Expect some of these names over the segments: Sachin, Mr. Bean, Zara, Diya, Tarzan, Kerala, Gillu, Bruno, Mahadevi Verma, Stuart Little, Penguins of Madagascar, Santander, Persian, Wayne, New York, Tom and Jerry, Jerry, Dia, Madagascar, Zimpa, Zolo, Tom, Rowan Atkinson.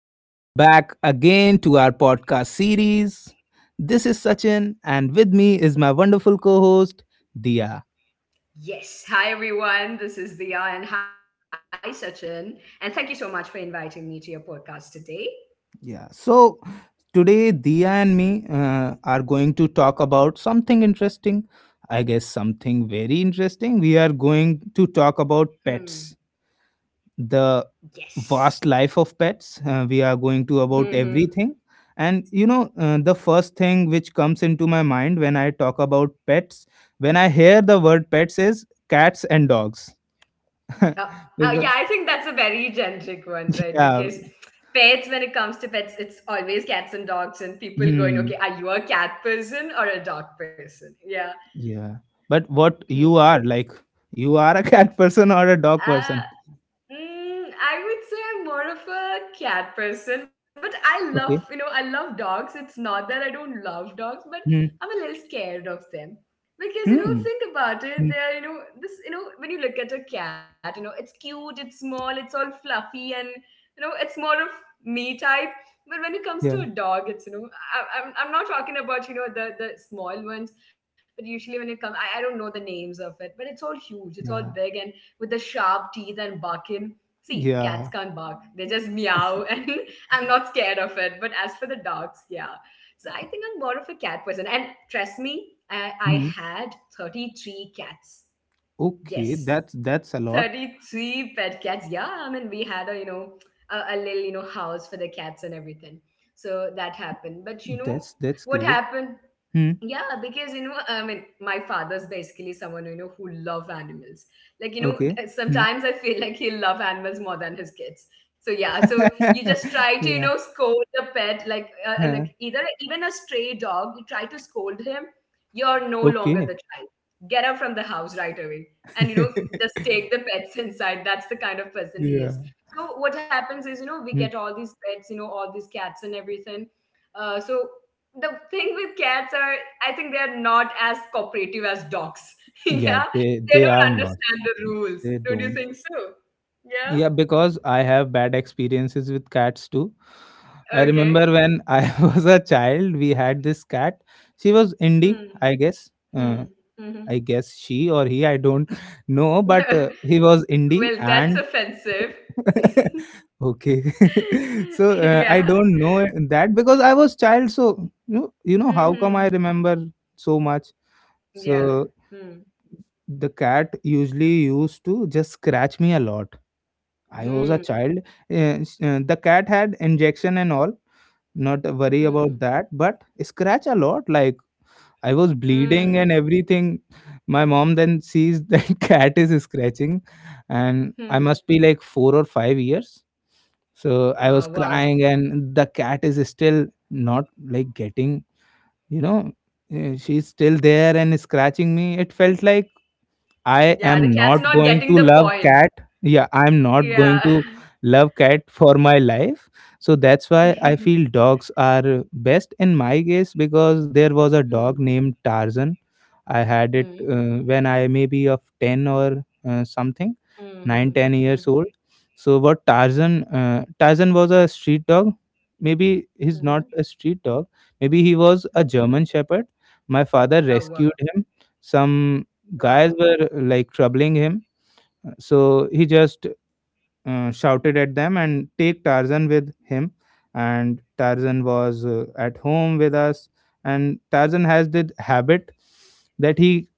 Welcome back again to our podcast series. This is Sachin, and with me is my wonderful co host, Dia. Yes. Hi, everyone. This is Diya and hi, Sachin. And thank you so much for inviting me to your podcast today. Yeah, so today, Dia and me are going to talk about something interesting. I guess something very interesting. We are going to talk Hmm. about pets. The Yes. vast life of pets. We are going to hmm about everything. And you know, the first thing which comes into my mind when I talk about pets, when I hear the word pets, is cats and dogs. Uh, yeah, because, I think that's a very generic one, right? yeah, Because pets, when it comes to pets, it's always cats and dogs, and people going, hmm, okay, are you a cat person or a dog person? Yeah. yeah. But what you Hmm. are like, you are a cat person or a dog Uh, person. Mm, I would say I'm more of a cat person, but I love, you know, Okay. I love dogs. It's not that I don't love dogs, but Hmm. I'm a little scared of them. Because, you know, Hmm. think about Hmm. it, you know, this, you know, when you look at a cat, you know, it's cute, it's small, it's all fluffy, and, you know, it's more of me type. But when it comes to a Yeah. dog, it's, you know, I'm not talking about, you know, the small ones, but usually when it comes, I don't know the names of it, but it's all huge, it's all Yeah. big, and with the sharp teeth and barking. See, cats Yeah. can't bark. They just meow, and I'm not scared of it. But as for the dogs, yeah. So I think I'm more of a cat person. And trust me, I Hmm. had 33 cats. Okay. Yes, That's a lot. 33 pet cats. Yeah, I mean, we had you know, a little, you know, house for the cats and everything. So that happened. But you know, That's what great. happened, Hmm. yeah, because you know I mean my father's basically someone, you know, who love animals, like you know, Okay. Hmm. sometimes I feel like he'll love animals more than his kids. So yeah, so you just try to, you Yeah. know, scold the pet like, Huh. like either even a stray dog you try to scold him, you're no longer Okay. the child, get out from the house right away and you know, just take the pets inside. That's the kind of person he is. Yeah. So what happens is, you know, we get Hmm. all these pets, you know, all these cats and everything. So the thing with cats are, I think they're not as cooperative as dogs. Yeah, Yeah, they they they don't are not. understand the rules, They don't you don't. think so? Yeah. Yeah, because I have bad experiences with cats too. I Okay. remember when I was a child, we had this cat. She was indie, Hmm. I guess. Hmm. Uh, Hmm. I guess she or he, I don't know, but Well he was indie that's and offensive. okay. So Yeah. I don't know that because I was child. So you know how come I Hmm. remember so much. Yeah. So Hmm. the cat usually used to just scratch me a lot. I was a Hmm. child. The cat had injection and all. Not a worry Hmm. about that, but scratch a lot. Like, I was bleeding Hmm. and everything. My mom then sees that cat is scratching. And I Hmm. must be like 4 or 5 years. So Wow, I was wow. crying and the cat is still not like getting, you know, she's still there and scratching me. It felt like I Yeah, the am cat's not not going getting to the love point. cat. Yeah, I'm not going to Yeah. love cat for my life. So that's why Hmm. I feel dogs are best in my case because there was a dog Hmm. named Tarzan. I had it when I maybe of 10 or something, nine Hmm. ten Hmm. years Hmm. old. So what Tarzan Tarzan was a street dog. Maybe he's not Mhm. a street dog. Maybe he was Mhm. a German shepherd. My father Oh, wow. rescued him. Some guys Wow. were like troubling him, so he just shouted at them and take Tarzan with him. And Tarzan was at home with us. And Tarzan has this habit that he,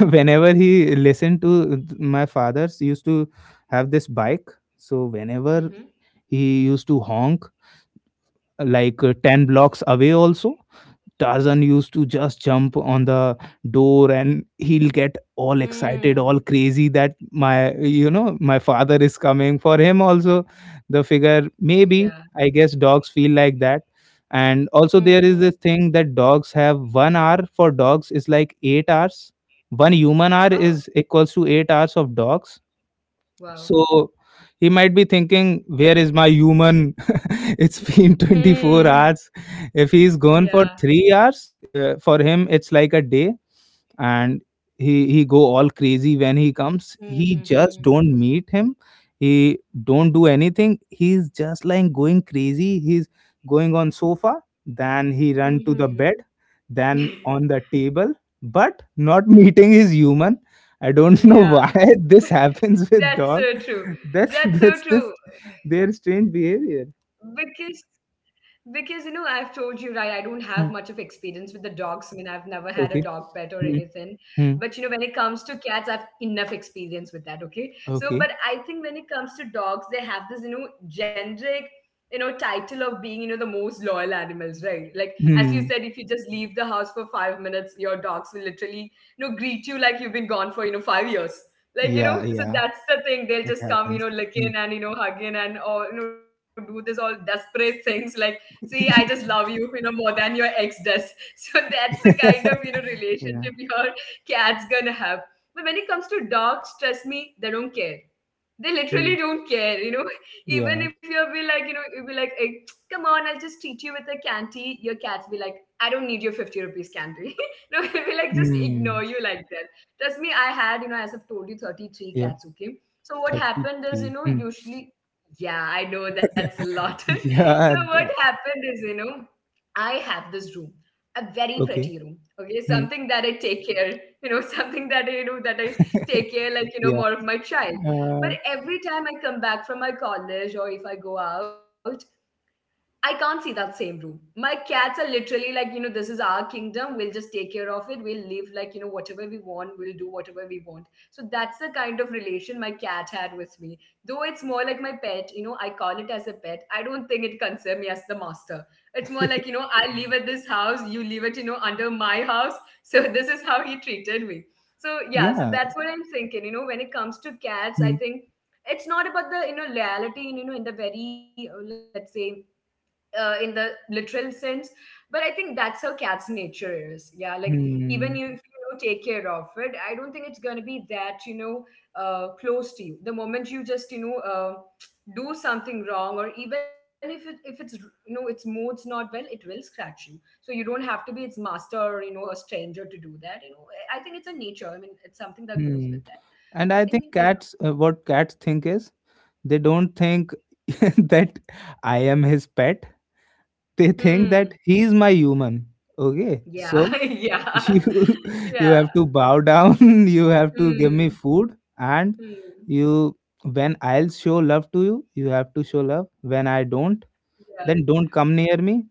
whenever he listened to my father's used to have this bike. So whenever Mhm. he used to honk, like 10 blocks away also, Tarzan used to just jump on the door. And he'll get all excited, all Mm. crazy that my, you know, my father is coming. For him, also, the figure, maybe, Yeah. I guess dogs feel like that. And also, there is this Mhm. thing that dogs have 1 hour for dogs is like 8 hours. 1 human hour is Oh, equals to 8 hours of dogs. wow. So he might be thinking, where is my human? It's been 24 Mm. hours. If he's gone for Yeah. 3 hours, for him, it's like a day. And he go all crazy. When he comes, he just don't Mhm. meet him. He don't do anything. He's just like going crazy. He's going on sofa, then he run to the bed, Mhm. then on the table, but not meeting his human. I don't know why Yeah. this happens with dog. That's so true. That's That's this, so true. their strange behavior. Because Because you know, I've told you right, I don't have much of Hmm. experience with the dogs. I mean, I've never had a dog Okay. pet or Hmm. anything. But Hmm. you know, when it comes to cats, I've enough experience with that. Okay. So, but Okay. I think when it comes to dogs, they have this, you know, generic, you know, title of being, you know, the most loyal animals, right? Like as you Hmm. said, if you just leave the house for 5 minutes, your dogs will literally, you know, greet you like you've been gone for, you know, 5 years. Yeah, Like, you know, yeah, so that's the it thing. They'll just happens. come, you know, Hmm. licking and, you know, hugging and, or, you know, do this all desperate things like, see, I just love you, you know, more than your ex does. So that's the kind of, you know, relationship Yeah. your cat's gonna have. But when it comes to dogs, trust me, they don't care. They literally Mm. don't care, you know. Even Yeah. if you'll be like, you know, you'll be like, hey, come on, I'll just treat you with a candy. Your cat's be like, I don't need your 50 rupees candy. No, it'll be like, just ignore Mm. you like that. Trust me, I had, you know, as I've told you, 33 Yeah, cats, okay? So what happened 33. is, you know, Mm. usually, yeah, I know that's a lot. Yeah. So what That, happened is, you know, I have this room, a very okay. pretty room, okay? Mm. Something that I take care, you know, something that I, you know, that I take care, like, you Yeah. know, more of my child. Uh, But every time I come back from my college or if I go out, I can't see that same room. My cats are literally like, you know, this is our kingdom. We'll just take care of it. We'll live like, you know, whatever we want. We'll do whatever we want. So that's the kind of relation my cat had with me. Though it's more like my pet, you know, I call it as a pet. I don't think it concerns me as the master. It's more like, you know, I live at this house. You live at, you know, under my house. So this is how he treated me. So yeah, so Yeah. that's what I'm thinking. You know, when it comes to cats, I Mm. think it's not about the, you know, loyalty, and, you know, in the very, let's say, in the literal sense, but I think that's how cat's nature is. Yeah, like even you, if Hmm. you know, take care of it, I don't think it's going to be that, you know, close to you. The moment you just, you know, do something wrong or even if if it's you know its mood's not well, it will scratch you. So you don't have to be its master or you know a stranger to do that, you know. I think it's a nature, I mean, it's something that goes with Hmm. that. So And I I think think yeah. cats, what cats think is they don't think that I am his pet. They Hmm. think that he is my human. Okay. Yeah. So Yeah. you you Yeah. have to bow down. You have to give me Hmm. food. And Hmm. you, when I'll show love to you, you have to show love. When I don't, Yeah. then don't come near me.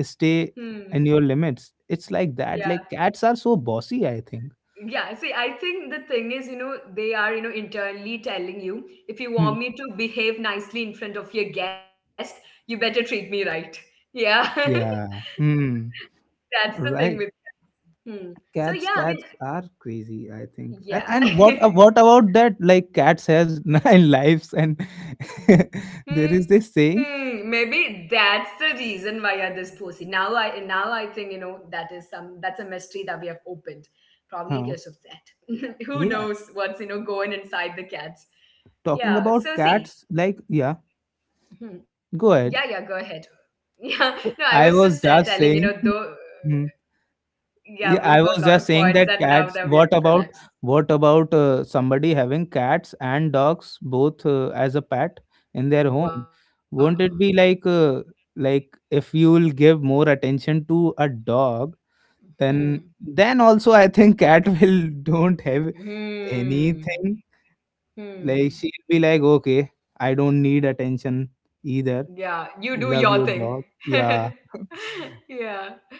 Stay Hmm. in your limits. It's like Yeah. that. Like, cats are so bossy, I think. Yeah. See, I think the thing is, you know, they are, you know, internally telling you if you Hmm. want me to behave nicely in front of your guest, you better treat me right. Yeah. Yeah. Hmm. That's the thing with. Right. Hmm. So cats yeah, I mean, cats are crazy, I think. A- yeah. and what what about that? Like cats has nine lives and there is this Hmm, saying. maybe that's the reason why you're this pussy. Now I think you know that is some, that's a mystery that we have opened. Probably because of Huh. that. Who knows Yeah. what's you know going inside the cats. Yeah, Talking so about see. cats, like, yeah, Hmm. Yeah, go yeah, go ahead. ahead. Yeah, no, I was So just I was telling, you know, just though saying, mhm, yeah, we've yeah, got a I lot was of just points saying that that now that cats. we are What about collapsed. Somebody having cats and dogs both as a pet in their home? Wow. Won't it be like if you will give more attention to a dog, then Hmm. Also I think cat will don't have Hmm. anything. Like Hmm. she'll be like, okay, I don't need attention Yeah, either. you do your thing. Love your dog. Yeah. Yeah,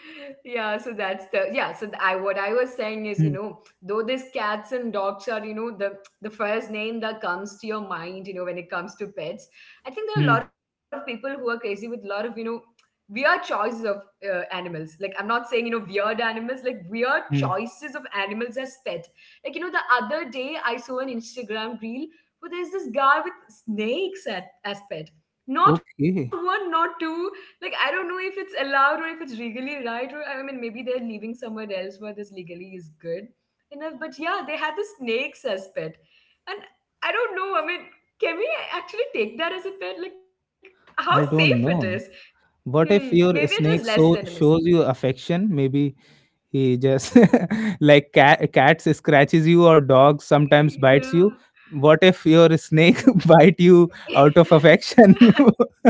yeah, so that's the, yeah, so I, what I was saying is, you know, Hmm, though these cats and dogs are, you know, the first name that comes to your mind, you know, when it comes to pets, I think there are a hmm, lot of people who are crazy with a lot of, you know, weird choices of animals. Like I'm not saying, you know, weird animals, like weird hmm. choices of animals as pet, like you know, the other day I saw an Instagram reel where there's this guy with snakes at, as pet, not one, Okay, not two. Like I don't know if it's allowed or if it's legally right, or I mean maybe they're leaving somewhere else where this legally is good enough. But yeah, they had the snakes as pet, and I don't know. I mean, can we actually take that as a pet? Like how safe I it is? don't know. Hmm. What if Maybe it your is less snake so venomous. shows you affection? Maybe he just like cats scratches you or dogs sometimes bites you. Yeah. What if your snake bite you out of affection?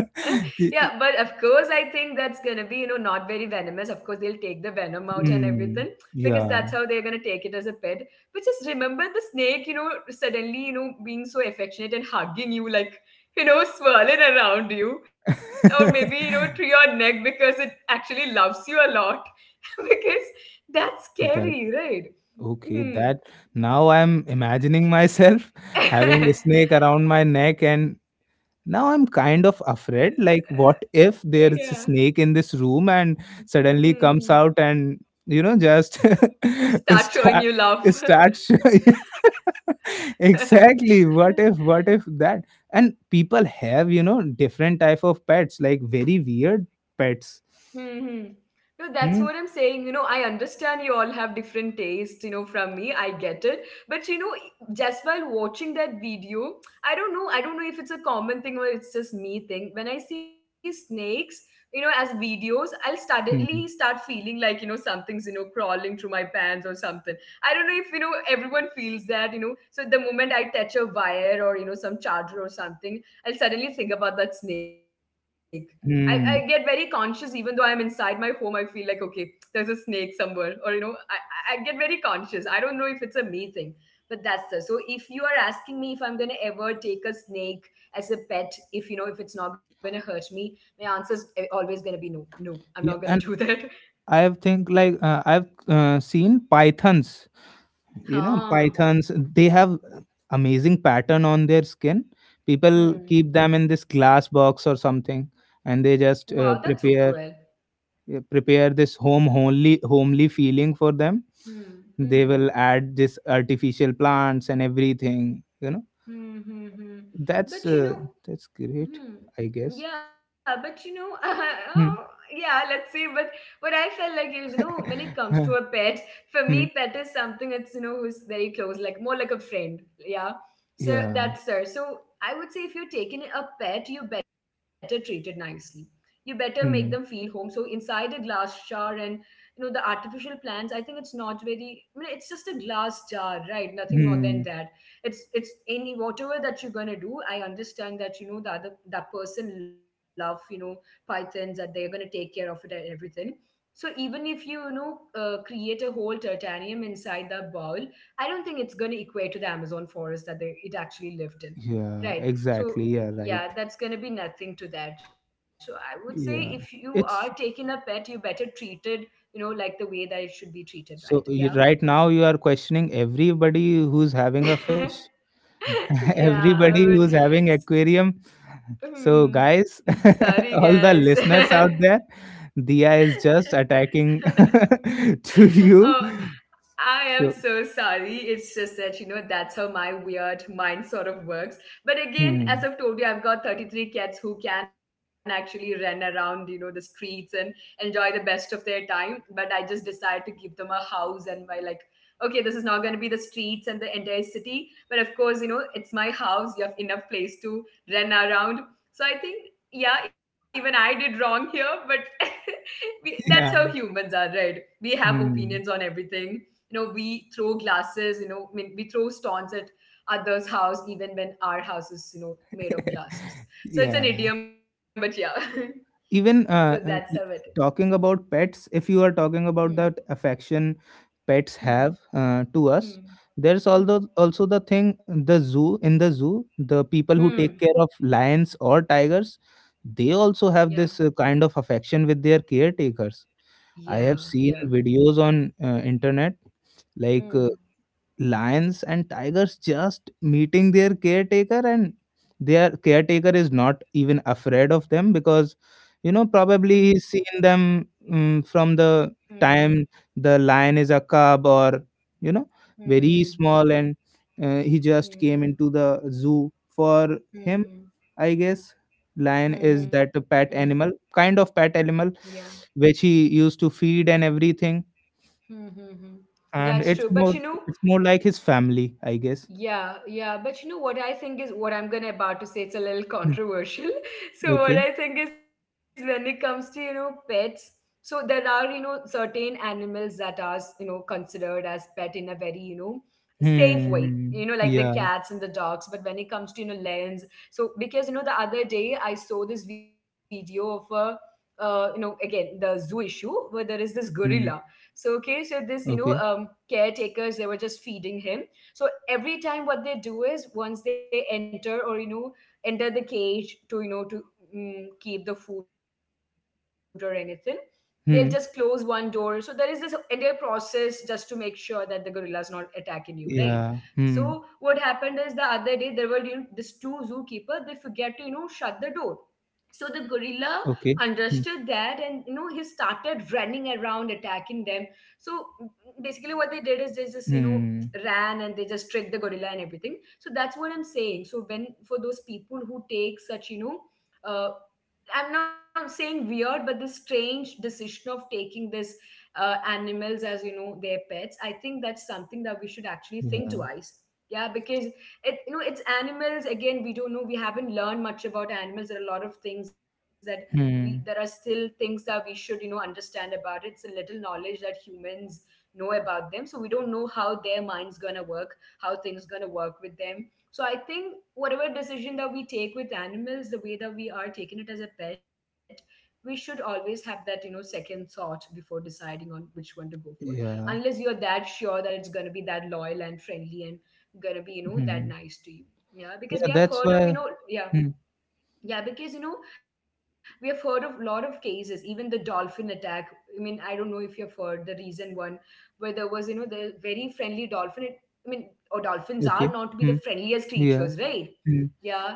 Yeah, but of course, I think that's gonna be, you know, not very venomous. Of course, they'll take the venom out and everything Hmm. because that's how Yeah. they're gonna take it as a pet. But just remember the snake, you know, suddenly, you know, being so affectionate and hugging you, like, you know, swirling around you, or maybe, you know, to your neck because it actually loves you a lot. Because that's scary, That right? okay, Hmm. that now I'm imagining myself having a snake around my neck. And now I'm kind of afraid. Like, what if Yeah. there's a snake in this room and Hmm. suddenly Hmm. comes out and, you know, just Start showing start you love. start exactly. What if Mm-hmm. That? And people have, you know, different type of pets, like very weird pets. No, that's what I'm Hmm. saying. You know, I understand you all have different tastes, you know, from me. I get it. But, you know, just while watching that video, I don't know. I don't know if it's a common thing or it's just me thing. When I see snakes, you know, as videos, I'll suddenly start Hmm. feeling like, you know, something's, you know, crawling through my pants or something. I don't know if, you know, everyone feels that, you know. So the moment I touch a wire or, you know, some charger or something, I'll suddenly think about that snake. I get very conscious Hmm. even though I'm inside my home. I feel like, okay, there's a snake somewhere, or you know, I I get very conscious. I don't know if it's a me thing, but that's the. So if you are asking me if I'm gonna ever take a snake as a pet, if you know, if it's not gonna hurt me, my answer is always gonna be no, no, I'm not gonna Yeah. do And that. I have think like I've seen pythons. You know, Ah. pythons, they have amazing pattern on their skin. People Hmm. keep them in this glass box or something, and they Wow, just that's so cruel. Prepare this homely feeling for them. Hmm. They Hmm. will add this artificial plants and everything, you know. Hmm. Hmm. Hmm. that's But you uh, know, that's great, hmm. I guess. Yeah, but you know, oh, Hmm. yeah, let's see. But what I felt like is, you know, when it comes to a pet, for me, pet Hmm. is something that's, you know, who's very close, like more like a friend. Yeah. So Yeah. that's her. So I would say if you're taking a pet, you better treat it nicely. You better make them feel Hmm. home. So inside a glass jar and, you know, the artificial plants, I think it's not very, I mean, it's just a glass jar, right? Nothing more than Hmm. that. It's any whatever that you're going to do. I understand that, you know, the other that person love, you know, pythons that they're going to take care of it and everything. So even if you, you know, create a whole terrarium inside the bowl, I don't think it's going to equate to the Amazon forest that they it actually lived in. Yeah, Right, so exactly. Yeah, right. yeah, that's going to be nothing to that. So I would say if you Yeah. are taking a It's pet, you better treat it, you know, like the way that it should be treated, right? Yeah. so, you, right now you are questioning everybody who's having a fish, Yeah, I everybody would. who's having aquarium. So, Mm, guys, sorry, guys. all the listeners out there, Dia is just attacking to Oh, you. I am So, so sorry. It's just that, you know, that's how my weird mind sort of works. But again, as hmm, I've told you, I've got 33 cats who can actually run around, you know, the streets and enjoy the best of their time. But I just decide to give them a house and my, like, okay, this is not going to be the streets and the entire city. But of course, you know, it's my house. You have enough place to run around. So I think, yeah, even I did wrong here. But we, that's how yeah, humans are, right? We have opinions on hmm, everything, you know, we throw glasses, you know, I mean, we throw stones at others house even when our house is, you know, made of glasses. So it's an yeah. idiom, but yeah. So Even that's how it is. Talking about pets, if you are talking Hmm. about that affection pets Hmm. have to us, Hmm. there's Hmm. Also the thing. The zoo In the zoo, the people who take Hmm. care of lions or tigers, they Yeah. also have this kind of affection with their caretakers. Yeah, I have yeah. seen videos on internet. Like, Hmm. Lions and tigers just meeting their caretaker, and their caretaker is not even afraid of them because, you know, Hmm. probably he's seen them from the Hmm. time the lion is a cub or, you know, very Hmm. Hmm. small. And he just Hmm. came into the zoo. For him, Hmm. I guess, lion Hmm. is that Hmm. pet animal, kind of pet Yeah. animal which he used to feed and everything. Hmm. Hmm. Hmm. That's And true. But you know, it's more like his family, I guess. yeah, yeah, but you know what I think is what I'm gonna about to say. It's a little Hmm, controversial. So what okay. I think is when it comes to, you know, pets, so there are, you know, certain animals that are, you know, considered as pet in a very, you know, safe Hmm. way. Hmm. You know, like Yeah. the cats and the dogs. But when it comes to, you know, lions, so because, you know, the other day I saw this video of a, you know, again the zoo issue where there is this Hmm. gorilla. So okay, so this, you Okay. know, caretakers, they were just feeding him. So every time what they do is once they enter or, you know, enter the cage to, you know, to, keep the food or anything, they'll just close one Hmm. door. So there is this entire process just to make sure that the gorilla is not attacking you, right? So Yeah. what Hmm. happened is the other day there were, you know, this two zookeeper, they forget to, you know, shut the door. So the gorilla Okay. understood Hmm. that, and you know, he started running around attacking them. So basically what they did is they just, you know, Hmm. ran and they just tricked the gorilla and everything. So that's what I'm saying. So when for those people who take such, you know, uh, I'm not saying weird, but the strange decision of taking this, animals as, you know, their pets, I think that's something that we should actually Yeah. think twice. Yeah, because it, you know, it's animals again. We don't know. We haven't learned much about animals. There are a lot of things that we, Hmm. there are still things that we should, you know, understand about it. It's a little knowledge that humans know about them, so we don't know how their minds gonna work, how things gonna work with them. So I think whatever decision that we take with animals, the way that we are taking it as a pet, we should always have that, you know, second thought before deciding on which one to go for. Yeah. Unless you're that sure that it's gonna be that loyal and friendly and gonna be, you Hmm. know, that nice to you. Yeah, Yeah, that's because we have why. heard of, you know, Hmm. yeah, yeah, because you know, we have heard of a lot of cases, even the dolphin attack. I mean, I don't know if you've heard the recent one where there was, you know, the very friendly dolphin. It, I mean, or Okay. dolphins are Hmm. not to be the friendliest Yeah. creatures, right? Hmm.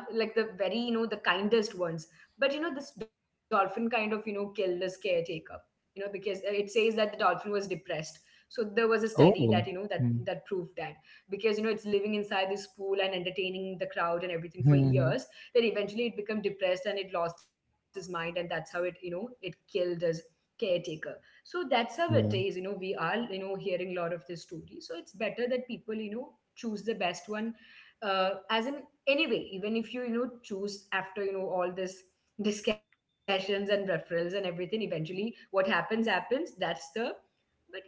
Yeah, like the very, you know, the kindest ones. But, you know, this dolphin kind of, you know, killed this caretaker, you know, because it says that the dolphin was depressed. So there was a Oh. study that, you know, Hmm. that proved that because, you know, it's living inside this pool and entertaining the crowd and everything Hmm. for years, that eventually it became depressed and it lost his mind. And that's how it, you know, it killed his caretaker. So that's how Yeah. it is, you know, we are, you know, hearing a lot of this story. So it's better that people, you know, choose the best one, as in anyway, even if you, you know, choose after, you know, all this discussions and referrals and everything, eventually what happens happens. That's the,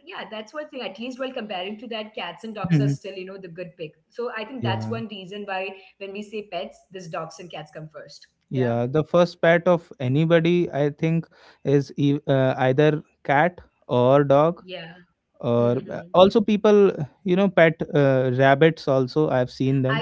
but yeah, that's one thing. At least while comparing to that, cats and Hmm. dogs are still, you know, the good pick. So I Yeah. think that's one reason why when we say pets, this dogs and cats come first. Yeah. The Yeah. first pet of anybody, I think, is either cat or dog. Yeah. Or also Hmm. people, you know, pet rabbits also. I've seen them.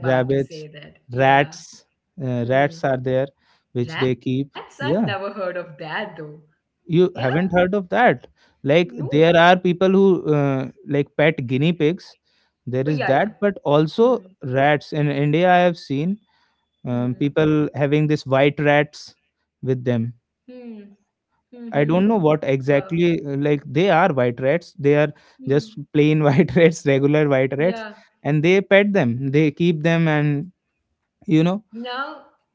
I was Rabbits, about to say that, rats, yeah. Rats are there Hmm. which they keep. Rats, Yeah, I've never heard of that though. you Yeah. haven't heard of that. Like, there No. are people who like pet guinea pigs. There is that, Oh but yeah, yeah. also Hmm. rats in India I have seen. People Hmm. having this white rats with them. Hmm. I don't know Mm-hmm. what exactly Wow. Like they are white rats. They are just plain Hmm. white rats, regular white rats, and Yeah. they pet them. They keep them, and, you know,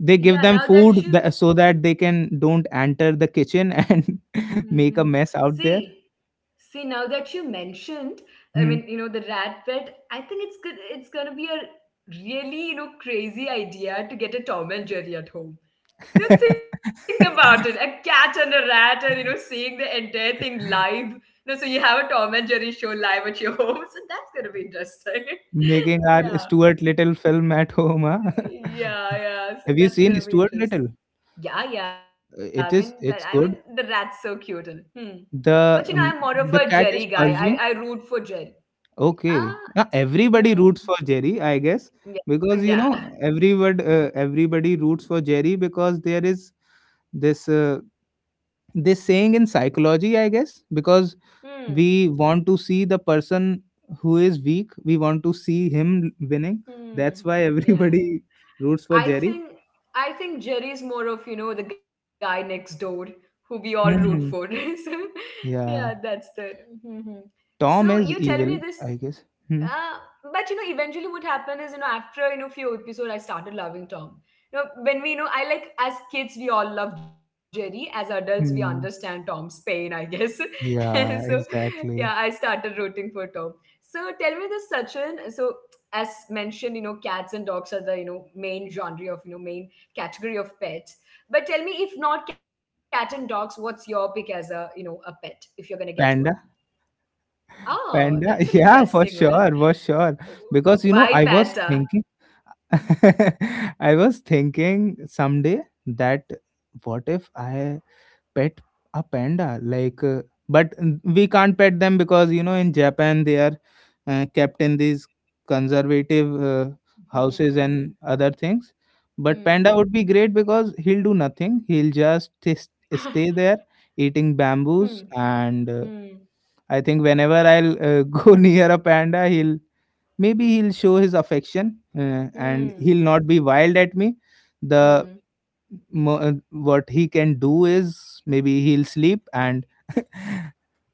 they give them food yeah, now so that that you, they can don't enter the kitchen and make a mm-hmm. mess out there. See, see, now that you mentioned, Hmm. I mean, you know, the rat pet, I think it's good, it's gonna be a really, you know, crazy idea to get a Tom and Jerry at home. You know, think about it, a cat and a rat and, you know, seeing the entire thing live. You know, so you have a Tom and Jerry show live at your home. So that's gonna be interesting. Making our Yeah. Stuart Little film at home. Huh? Yeah, yeah. So Have you that's seen gonna be Stuart Little? interesting. Yeah, yeah. I mean that. I mean the It's rat's good. so cute. And, hmm. But you know, I'm The more of um, a the Jerry cat guy. is I Persian. root for Jerry. Ah. Okay. Yeah, Hmm. everybody roots for Jerry, I guess, Yeah. because, you Yeah. know, everybody everybody roots for Jerry because there is this this saying in psychology, I guess, because Hmm. we want to see the person who is weak, we want to see him winning. That's Hmm. why Yeah. everybody roots for I Jerry. think I think Jerry's more of, you know, the guy next door who we all root for. Hmm. So yeah, that's Yeah. that. Hmm hmm. So Tom you is tell me this. evil, I guess. Hmm. Uh, but you know, eventually what happened is, you know, after, you know, few episodes, I started loving Tom. You know, when we, you know, I like as kids we all love Jerry. As adults, we understand Hmm. Tom's pain, I guess. So, Yeah, yeah, I exactly. started rooting for Tom. So tell me this, Sachin. So as mentioned, you know, cats and dogs are the, you know, main genre of, you know, main category of pets. But tell me, if not cat and dogs, what's your pick as a, you know, a pet if you're gonna get one? Panda. Oh, that's an Panda, yeah, interesting for one. sure, for sure. Because, you Why know, I was Panta? thinking, I was thinking someday that what if I pet a panda? Like, but we can't pet them because, you know, in Japan, they are kept in these conservative houses and Hmm. other things. But Hmm. panda would be great because he'll do nothing, he'll just stay there eating Hmm. bamboos and Hmm. Hmm. I think whenever I'll go near a panda, he'll maybe he'll show his affection and he'll not be wild at me. The Hmm. What he can do is maybe he'll sleep, and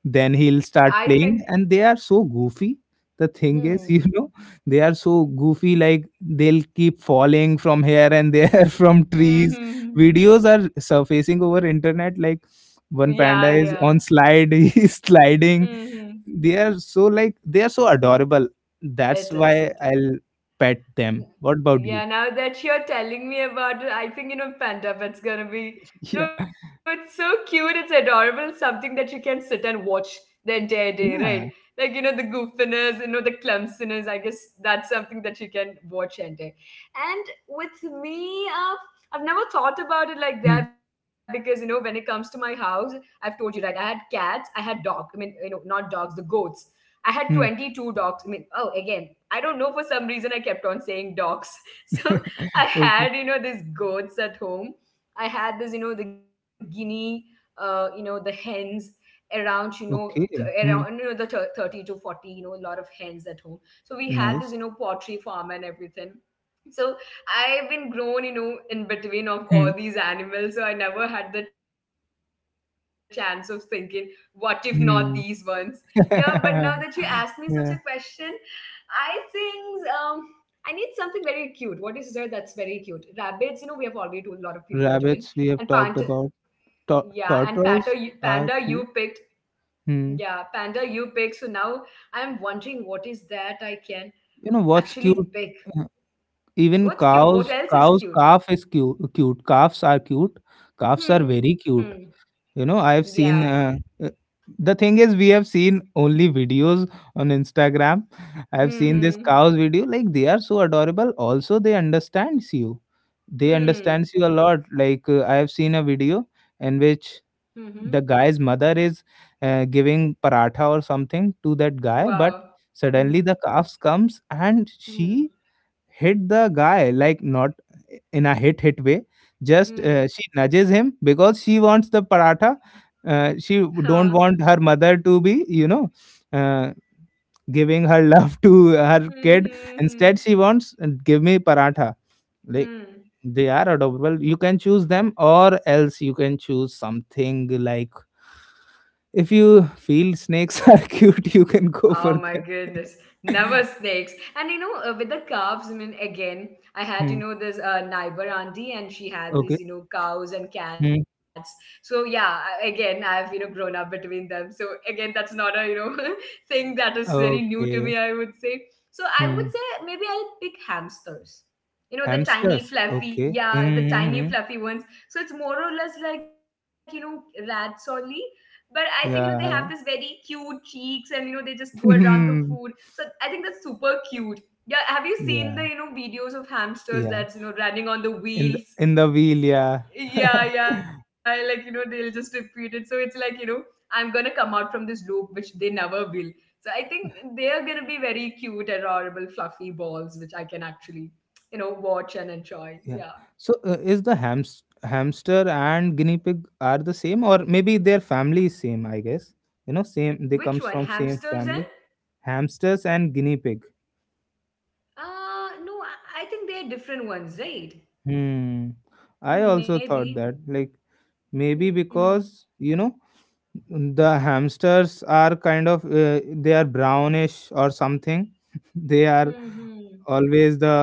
then he'll I start think, playing, and they are so goofy. The thing is, hmm. you know, they are so goofy. Like they'll keep falling from here and there from Hmm. Hmm. trees. Hmm. Videos are surfacing over internet. Like, Yeah, one yeah. panda is on slide, he's Hmm. sliding. Hmm. They are so, like, they are so adorable, that's It is, why it is. I'll pet them. What about you? Yeah, now that you're telling me about it, I think, you know, Panda Pet's gonna be. Yeah, No, it's so cute, it's adorable, something that you can sit and watch the entire day, yeah. right? Like, you know, the goofiness, you know, the clumsiness, I guess that's something that you can watch and day. And with me, I've never thought about it like Hmm, that because, you know, when it comes to my house, I've told you, right? I had cats, I had dogs, I mean, you know, not dogs, the goats. I had hmm. 22 dogs. I mean, oh, again, I don't know for some reason I kept on saying dogs. So I had, Okay, you know, these goats at home. I had this the guinea, the hens around, okay. around Hmm. The 30 to 40, a lot of hens at home. So we had this, Nice. Pottery farm and everything. So I've been grown, in between of Hmm. all these animals. So I never had the chance of thinking what if not these ones. Yeah, but now Hmm. that you asked me such a question, I Yeah. think. I need something very cute. What is there that's very cute? Rabbits, we have already told a lot of people are doing. And Rabbits we panda, have talked about. yeah, Tur- tortoise panda you are picked. cute. Yeah, Hmm. panda you picked. So now I'm wondering what is that I can You know what's actually cute? pick. Uh, Even What's cute? What cows else is cows cute? calf is cute calves are cute. Calves Hmm. are very Hmm. cute. You know, Yeah. I've seen uh, the thing is, we have seen only videos on Instagram. I've seen this Hmm. cows video, like, they are so adorable. Also, they understands you. They Hmm. Hmm. understands you a lot, like, I have seen a video in Hmm. which Hmm. the guy's mother is, giving paratha or something to that guy, but Wow. suddenly Hmm. the calf comes and Hmm. she hit the guy, like, not in a hit hit way, just Hmm. Hmm. She nudges him because she wants the paratha. She Huh. don't want her mother to be, you know, uh, giving her love to her Hmm. kid. Hmm. Instead she wants, give me paratha, like, Hmm. Hmm. they are adorable. You can choose them, or else you can choose something like, if you feel snakes are cute, you can go Oh for my them. goodness. Never snakes. And with the calves, I mean, again, I had, Hmm. This neighbor auntie, and she had Okay. these, cows and cats. Hmm. So, yeah, again, I've, grown up between them. So, again, that's not a, thing that is very new to me, I Okay. would say. So, I would say maybe I'll pick hamsters. The tiny, Hamsters? fluffy, Okay. yeah, the tiny, Mm-hmm. fluffy ones. So, it's more or less like, rats only, but I think, they have this very Yeah. cute cheeks, and they just go around the food. Yeah. So I think that's super cute. Yeah, have you seen the, Yeah. Videos of hamsters Yeah. that's, running on the In the wheels? in the wheel, yeah. Yeah, yeah, like, they'll just repeat it. So it's like, I'm gonna come out from this loop, which they never will. So I think they are gonna be very cute, adorable, fluffy balls, which I can actually, watch and enjoy. Yeah. Yeah, So is the hamster and guinea pig are the same, or maybe their family is same, I guess. You know, same, they which comes one, from same hamsters and? family. Hamsters and guinea pig. No, I think they're different ones, right? Hmm. I Hmm, also thought maybe. that, like, maybe Hmm. because, you know, the hamsters are kind of, they are brownish or something. They Hmm. are Hmm. always the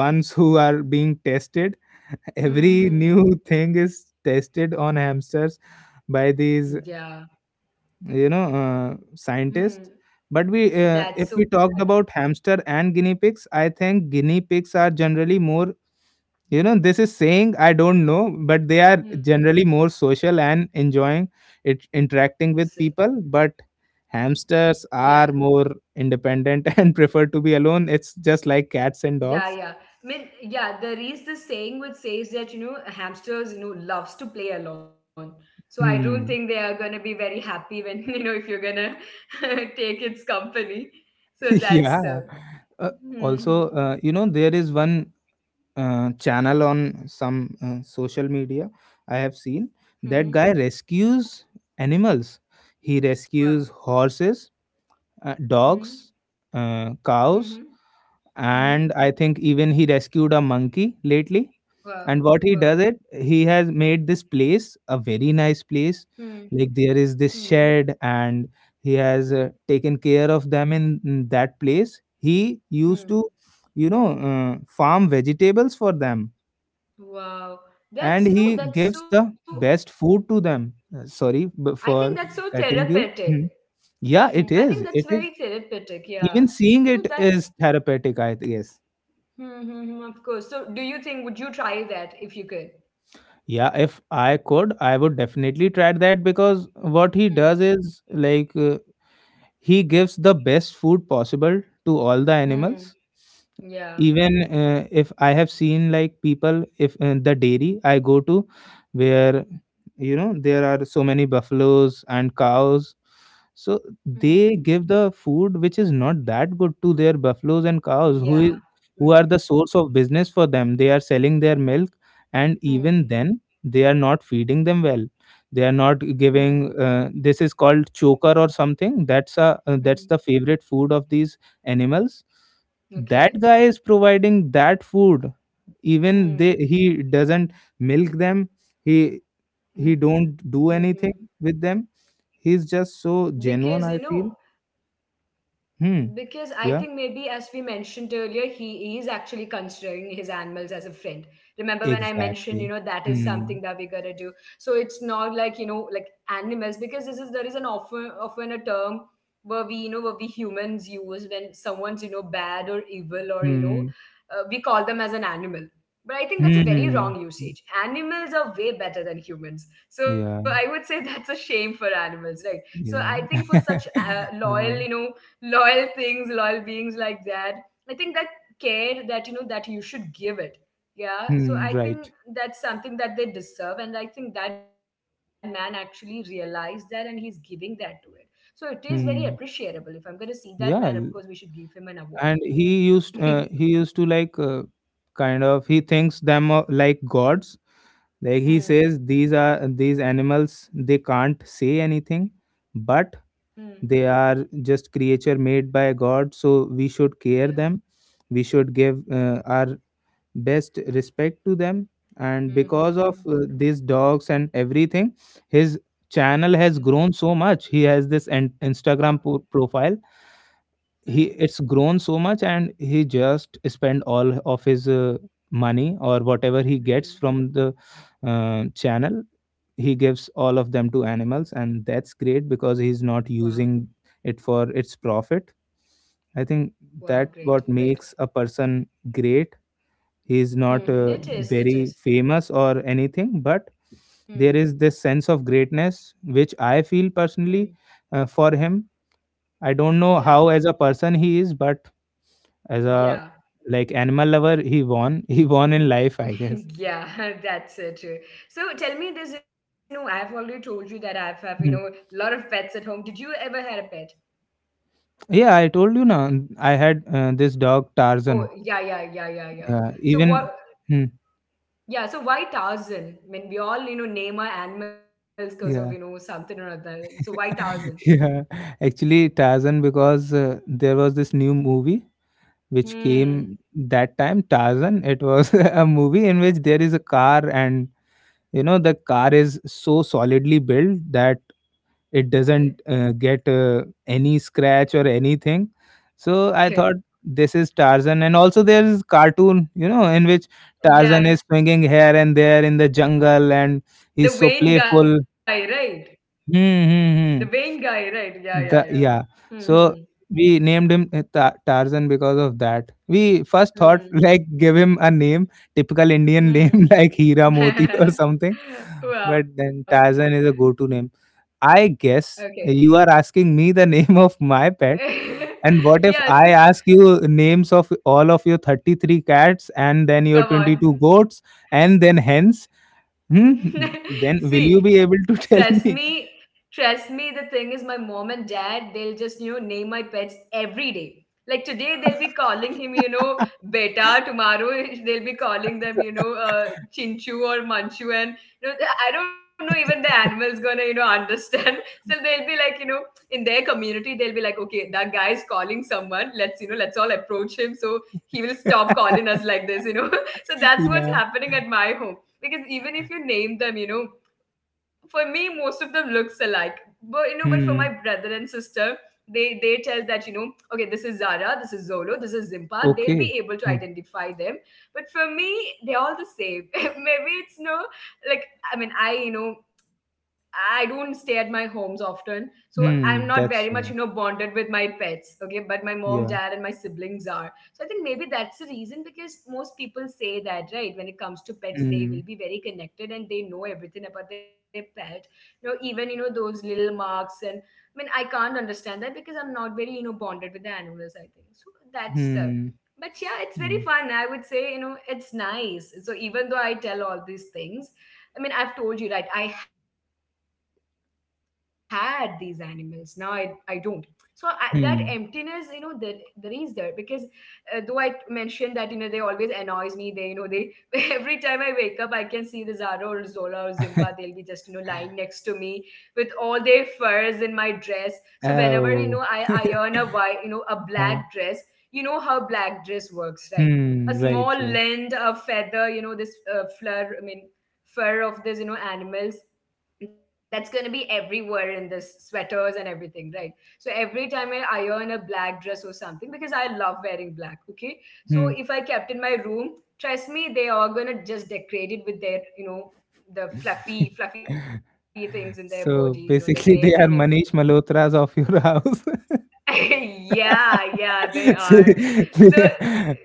ones who are being tested. Every Hmm. new Hmm. thing is tested on hamsters by these, Yeah. you know, Hmm. scientists. But we, That's if so we talked bad. about hamster and guinea pigs, I think guinea pigs are generally more, you know, this is saying, I don't know, but they are Hmm. generally more social and enjoying it, That's interacting it. with people. But hamsters Yeah. are more independent and prefer to be alone. It's just like cats and Yeah. dogs. Yeah. I mean, yeah. There is this saying which says that, hamsters, loves to play alone. So I don't think they Hmm. are gonna be very happy when if you're gonna take its company. So that's the. Yeah. Uh, Hmm. Hmm. Also, you know, there is one channel on some social media I have seen. Hmm. Hmm. That guy rescues animals. He Wow. rescues horses, Hmm. dogs, Hmm. cows, Hmm. Hmm. and I think even he rescued a monkey lately. Wow. And what he does Wow. it, he has made this place a very nice Hmm. place, like there is Hmm. this shed, and he has taken care of them in that place. He used Hmm. to, you know, farm vegetables for them, Wow, and that's, he gives the so. best food to them. Sorry I think that's for so cutting you. therapeutic. Hmm. Yeah, Hmm, it I think is, that's it is. very therapeutic. Yeah. Even seeing So it that's, is therapeutic, I guess. Of course. So do you think would you try that if you could? Yeah, if I could, I would definitely try that, because what he Hmm. does is like, he gives the best food possible to all the animals. Hmm. Yeah. Even, if I have seen, like people, if, the dairy I go to, where, you know, there are so many buffaloes and cows, so Hmm. they give the food which is not that good to their buffaloes and cows, Yeah. who are the Hmm. source of business for them. They are selling their milk, and even Hmm. then they are not feeding them well. They are not Hmm. giving, this is called choker or something, that's a, Hmm. that's the Hmm. favorite food of these animals. That Okay. guy is providing that food. Even they Hmm. he doesn't milk them, he Hmm. he Hmm. don't do anything with them, he's Because just you so know, genuine, I feel. Because I Hmm. think maybe, as Yeah, we mentioned earlier, he is actually considering his animals as a friend. Remember when I mentioned, exactly. that is something Hmm. that we gotta do. So it's not like, like animals, because this is there is an often a term where, we humans use when someone's, bad or evil, or Hmm. We call them as an animal. But I think that's a very Hmm. wrong usage. Animals are way better than humans, so I Yeah, would say that's a shame for animals, right? So I think yeah. for such, loyal, Yeah. Loyal things, loyal beings like that. I think that care that, that you should give it. Yeah. So Hmm, I think right. that's something that they deserve. And I think that man actually realized that and he's giving that to it. So it is very appreciable. If Hmm. I'm gonna see that man, of course we should Yeah. give him an award. And he Hmm. used uh, he used to like, kind of, he thinks them, like gods, like he says Hmm. these are these animals, they can't say anything, but they are just creature made by God, so we should care Yeah. them. We should give, our best respect to them. And Hmm. because Hmm. of, Hmm. These dogs and everything, his Hmm. channel has grown so much. He has this Wow. Instagram profile. He Hmm. It's grown so much, and he just spend all of his, money or whatever he gets Hmm. from the, channel. He gives all of them to animals, and that's great Wow. because he's not using it for its profit. I Wow. think Great. that Great. what makes a person great. Hmm. He's Hmm. not, It is. It is. very famous or anything, but Hmm. there is this sense of greatness which I feel Hmm. personally, for him. I don't know Yeah. how as a person he is, but as a, Yeah. like, animal lover, he won. He won in life, I guess. Yeah, that's true. So tell me this, I've already told you that I've have, Hmm. lot of pets at home. Did you ever had a pet? Yeah, I told you now, I had this dog Oh, Tarzan. yeah, yeah, yeah, yeah, yeah. Yeah, So even. what, Hmm, yeah, so why Tarzan? I mean, we all, name our animals because of, yeah. something or other. So why Tarzan? Yeah. Actually Tarzan, because there was this new movie which Hmm, came that time, Tarzan. It was a movie in which there is a car, and you know the car is so solidly built that it okay. doesn't, get, any scratch or anything. So I Okay. thought this is Tarzan. And also there is cartoon, you know, in which Tarzan Yeah, is swinging here and there in the jungle, and he's the so Wayne guy, playful. right? Hmm, The Wayne hmm, guy, hmm. right? Yeah, yeah, yeah. The, yeah. Hmm, So we named him Tarzan because of that. We first thought hmm, like give him a name, typical Indian name, hmm, like Hira Moti or hmm. something. But Wow. then Tarzan is a go-to name, I guess. Okay. You are asking me the name of my pet. And what if I Yes. ask you names of all of your 33 cats and then your Come 22 on. goats and then hens? Hmm? Then will you be See, able to tell me? Trust me, the thing is my mom and dad, they'll just, name my pets every day. Like today they'll be calling him, beta. Tomorrow they'll be calling them, chinchu or manchu. And, you know, I don't know even the animal's gonna, understand. So they'll be like, in their community, they'll be like, okay, that guy's calling someone. Let's all approach him. So he will stop calling us like this. So that's Yeah. what's happening at my home, because even if you name them, for me most of them looks alike. But for my Hmm. brother and sister, they tell that, okay, this is Zara, this is Zolo, this is Zimpa. They'll Okay. be able to Hmm. identify them. But for me, they're all the same. Maybe it's no, like, I mean, I. I don't stay at my homes often, so I'm not very Hmm. much, That's why. bonded with my pets. Okay, but my mom, dad, and Yeah. my siblings are. So I think maybe that's the reason, because most people say that, right? When it comes to pets, they Hmm. will be very connected and they know everything about their pet. Even, those little marks. And I mean, I can't understand that because I'm not very, bonded with the animals, I think. So that's the. Hmm. But yeah, it's very Hmm. fun. I would say, it's nice. So even though I tell all these things, I mean, I've told you, right? I had these animals. Now I don't. So I, that emptiness, there Hmm. is there because, though I mentioned that, they always annoys me. They you know they every time I wake up I can see the Zara or Zola or Zimpa. They'll be just, lying next to me with all their furs in my dress. So whenever, Oh. I iron a white, a Huh. black dress, you know how black dress works, right? Hmm. A Right. Right. small lint, a feather, this fleur. I mean fur of this, animals that's going to be everywhere in this sweaters and everything, right. So every time I iron a black dress or something, because I love wearing black, okay? Hmm. So if I kept in my room, trust me, they are gonna just decorate it with their, the fluffy, fluffy things in their body, So, the hairs basically, they and are everything. Manish Malhotras of your house. Yeah, yeah, they So, are. So, they,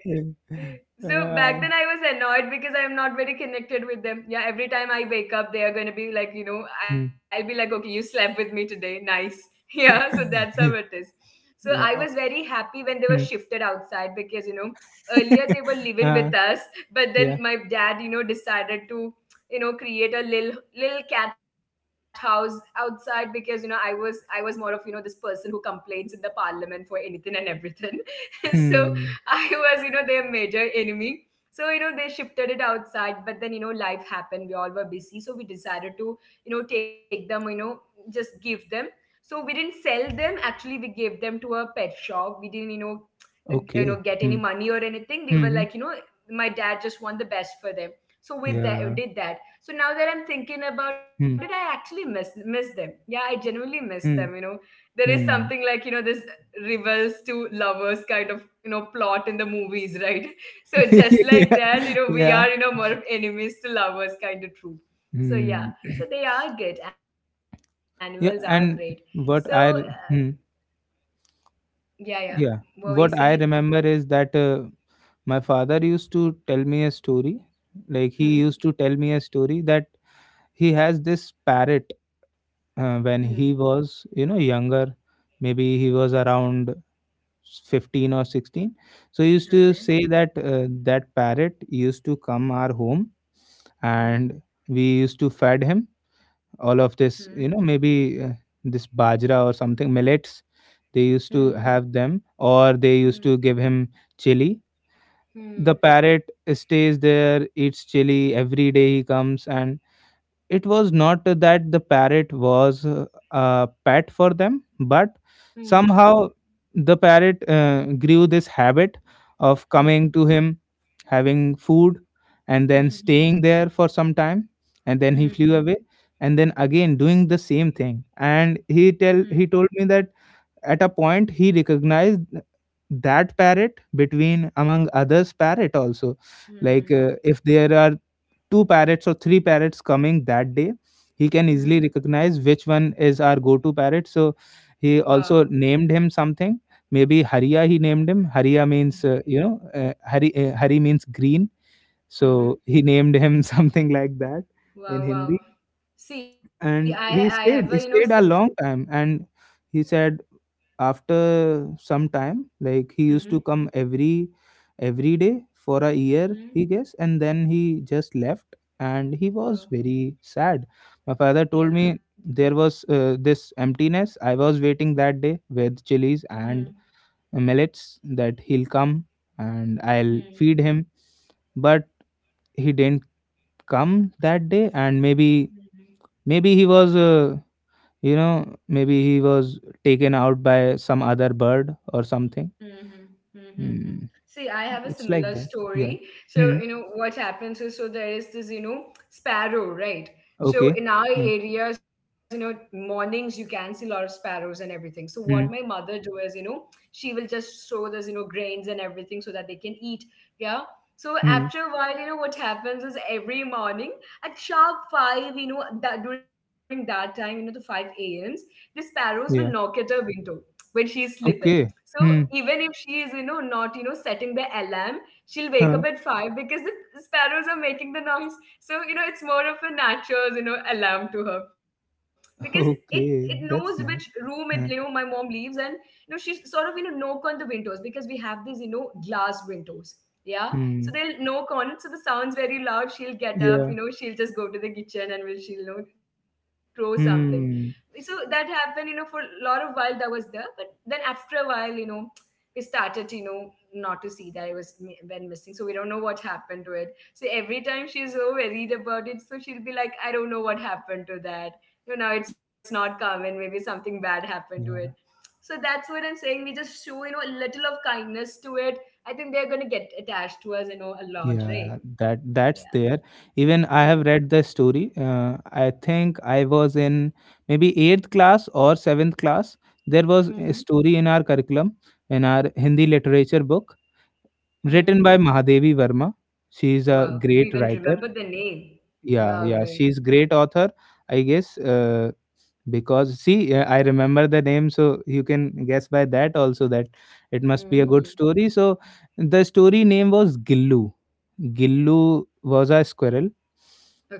uh, so, back then I was annoyed because I am not very connected with them. Yeah, every time I wake up, they are going to be like, hmm. I'll be like, okay, you slept with me today. Nice. Yeah, so that's how it is. So Yeah. Oh, I was very happy when they hmm. were shifted outside, because, earlier they were Uh, living with us, yeah. but then my dad, decided to, create a little cat house outside, because, I was more of, this person who complains in the parliament for anything and everything. So Hmm. I was, their major enemy. So, they shifted it outside, but then, life happened, we all were busy, so we decided to, take them, just give them. So we didn't sell them, actually we gave them to a pet shop. We didn't, Okay. Get Hmm. any money or anything. They were Mhm. like, my dad just want the best for them. So with Yeah. that did that. So now that I'm thinking about it, I Hmm. actually miss them. Yeah, I genuinely miss them, Hmm. There is something Hmm. like, this rivals to lovers kind of, plot in the movies, right. So just like Yeah. that, we are, Yeah. More of enemies to lovers kind of troop. So yeah, Hmm. so they are good, animals are great. Yeah, so and uh, what I r- hmm, yeah, yeah, what were you yeah, saying? what I remember is that, my father used to tell me a story. Like he Hmm. used to tell me a story that he has this parrot, Hmm. when he was, you know, younger. Maybe he was around 15 or 16. So he used to Okay. say that, that parrot used to come our home, Hmm. and we used to fed him all of Hmm. this, you know, maybe this bajra or something, millets. They used to Hmm. have them, or they used to Hmm. give him chili. Hmm. The Hmm. parrot stays there, eats chili every day, he comes, and it was not that the parrot was, a pet for them, but Hmm. somehow the parrot, grew this habit of coming Hmm. to him, having food, and then Hmm. Hmm. staying there for some time, and then he Hmm, flew hmm, away. And then again doing the same thing. And hmm, he told me that at a point, he recognized that parrot between among others parrot also. Like, hmm, hmm. if there are two parrots or three parrots coming that day, he can easily Hmm. recognize which one is our go-to parrot. So he Wow. also named him something, maybe Haria. He named him Haria, means, you know, hari, hari means green. Mm-hmm. So he named him something like that in Wow, Hindi. wow. See, I And have a, he stayed some. he stayed a long time, and he said after some time, like he used to Mm-hmm. come every day for a year, he Mm-hmm. guess, and then he just left, and he was Wow. very sad. My father told Yeah. me, there was, this emptiness. I was waiting that day with chilies Hmm. and millets that he'll come and I'll Hmm. feed him, but he didn't come that day. And maybe Hmm, hmm. maybe he was, you know, maybe he was taken out by some other bird or something. Mhm, mhm, mhm. Hmm. See, I have a It's like similar that. Yeah. story. Hmm. So, what happens is so there is this, sparrow, right? So Okay. in our Hmm. areas, mornings you can see a lot of sparrows and everything. So what my Hmm. mother do is, she will just sow this, grains and everything so that they can eat. Yeah. So after Hmm. a while, what happens is every morning at sharp five, that during that time, the five a.m.s, the sparrows will knock Yeah. at her window when she is sleeping. Okay. So Hmm. even if she is, not, setting the alarm, she'll wake Huh. up at five because the sparrows are making the noise. So, it's more of a natural, alarm to her. Because it Okay. knows which That's nice. room Huh. my mom leaves, and she sort of, knock on the windows because we have these, glass windows. Yeah. Hmm. So they'll knock on it. So the sound's very loud. She'll get Yeah. up, she'll just go to the kitchen, and will she'll throw something. Hmm. So that happened, for a lot of while that was there. But then after a while, we started, not to see that. It was went missing, so we don't know what happened to it. So every time she's so worried about it, so she'll be like, I don't know what happened to that. Now it's not common, maybe something bad happened to it. Yeah. So that's what I'm saying. We just show, a little of kindness to it. I think they're going to get attached to us, a lot, Yeah. right? That's Yeah. there. Even I have Hmm, read the story. I think I was in maybe eighth class or seventh class. There was a hmm. story in our curriculum, in our Hindi literature book, written by Hmm. Mahadevi Verma. She is a Wow, great you even writer. remember the name. Yeah, Wow, yeah, great. she's great author, I guess. Because see, I remember the name, so you can guess by that also that it must be a good Hmm. story. So the story name was Gillu. Gillu was a squirrel.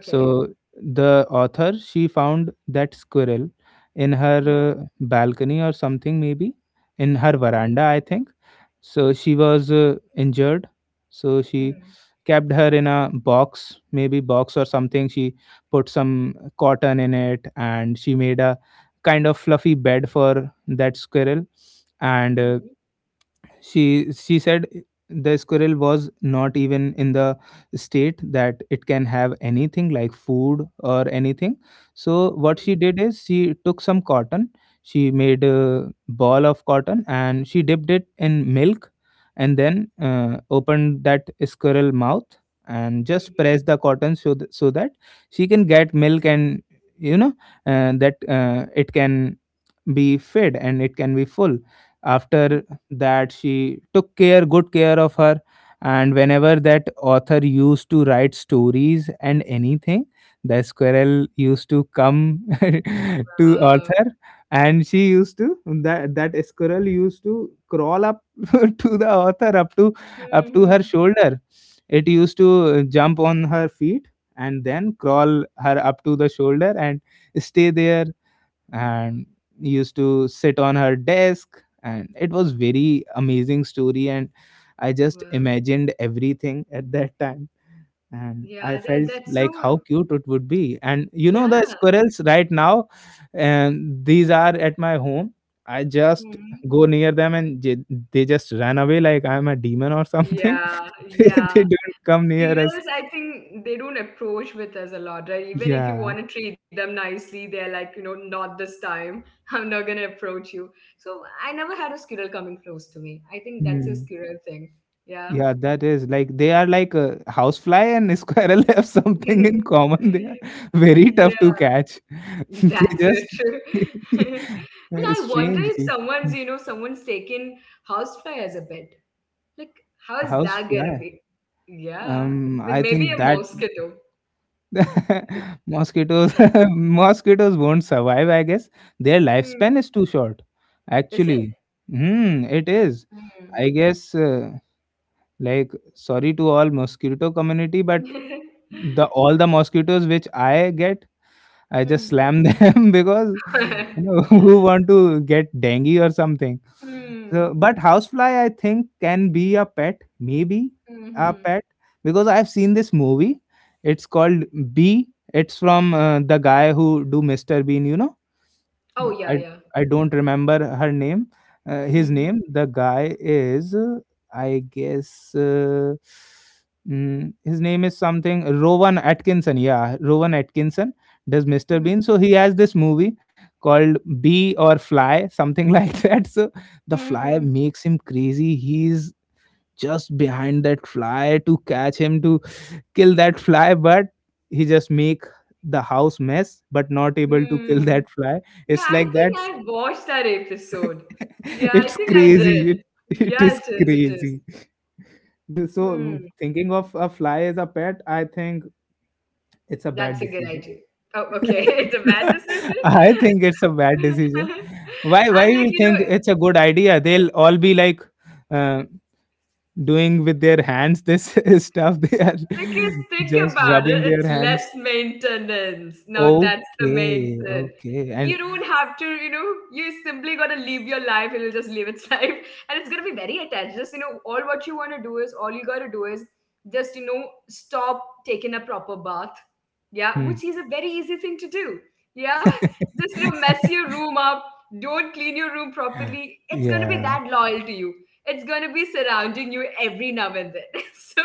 So the author, she found that squirrel in her, Hmm, balcony or something, maybe in her hmm, veranda, I think. So she was, injured. So she hmm, kept her in a box, maybe box or something. She put some cotton in it, and she made a kind of fluffy bed for that squirrel, and hmm, she said the squirrel was not even in the state that it can have anything like food or anything. So what hmm, she did is she took some cotton. She made a ball of cotton and she dipped it in milk, and then opened that squirrel mouth and just hmm, pressed the cotton so, so that she can get milk, and you know that it can be fed and it can be full. After hmm. that she took care good care of her, and whenever that author used to write stories and anything, the squirrel used to come to Wow. author. And she used to, that squirrel used to crawl up to the author, up to her Hmm. shoulder. It used to jump on her feet and then crawl her up to the shoulder and stay there and used to sit on her desk. And it was very amazing story, and I just Wow. imagined everything at that time. And Yeah, I felt that's like so. how cute it would be. And the Yeah. squirrels right now and these are at my home, I just Hmm. go near them and they just run away like I'm a demon or something. Yeah, They yeah. don't come near us. Squirrels, I think they don't approach with us a lot, right? Even if you Yeah. want to treat them nicely, they're like, not this time. I'm not gonna approach you. So I never had a squirrel coming close to me. I think that's a Hmm. squirrel thing. Yeah. Yeah, that is like they are like a housefly and a squirrel have something in Yeah, common. They are very tough to catch. They that's it. just I mean, I wonder strange. if someone's taken housefly as a pet. Like, how is that gonna Housefly. be? Yeah, I mean, I maybe think a that mosquito. mosquitoes mosquitoes won't survive. I guess their Hmm. lifespan is too short. Is it? Actually, it is. Hmm. I guess, like, sorry to all mosquito community, but the all the mosquitoes which I get, I just Hmm. slam them because who want to get dengue or something. Hmm. So, but housefly, I think, can be a pet, maybe a Hmm. pet, because I've seen this movie. It's called Bee. It's from the guy who do Mr. Bean, Oh, uh, yeah, I yeah. I don't remember her name, his Hmm. name. The guy is, I guess, his name is something Rowan Atkinson. Yeah, Rowan Atkinson does Mr. Bean. So he has this movie called Bee or Fly, something like that. So the fly Hmm. makes him crazy. He's just behind that fly to catch him, to kill that fly, but he just make the house mess, but not able to kill that Hmm. fly. Yeah, It's I like that. think I watched that episode. Yeah, I It's think I crazy. did. It Yeah, is it is. It is. crazy. So, Hmm, thinking of a fly as a pet, I think it's a bad that's a good decision. idea. Oh, okay. It's a bad decision. I think it's a bad I'm decision. Why? Why like, you you know, think it's a good idea? They'll all be like uh, doing with their hands this stuff. They are Because think just about it, rubbing their it's less hands. maintenance. Now that's the main Okay, thing. okay. You And don't have to, you simply gotta live your life, it'll just live its life. And it's gonna be very attached. Just, all what you wanna do is all you gotta do is just, stop taking a proper bath. Yeah, which is a very easy thing to do. Yeah. hmm. Just, mess your room up, don't clean your room properly. It's gonna be Yeah. that loyal to you. It's gonna be surrounding you every now and then. So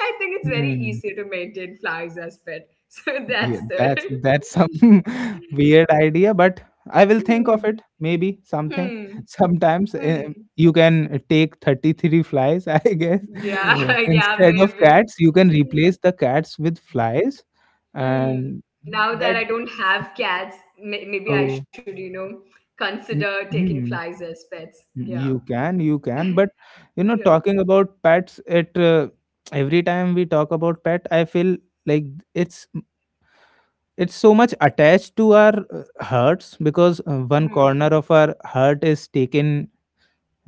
I think it's very Hmm. easy to maintain flies as pet. So Yeah, that's the. that's some weird idea, but I will think of Hmm. it. Maybe something. Hmm. Sometimes, Hmm. you can take 33 flies, I guess. Yeah. Yeah. Instead of Maybe. cats, you can replace the cats with flies, Hmm. and Now that that I don't have cats, maybe I oh, should, consider mm, taking mm, flies as pets. Yeah. you can. But you know, Yeah. talking about pets, it every time we talk about pet, I feel like it's it's so much attached to our hearts, because one Hmm. corner of our heart is taken,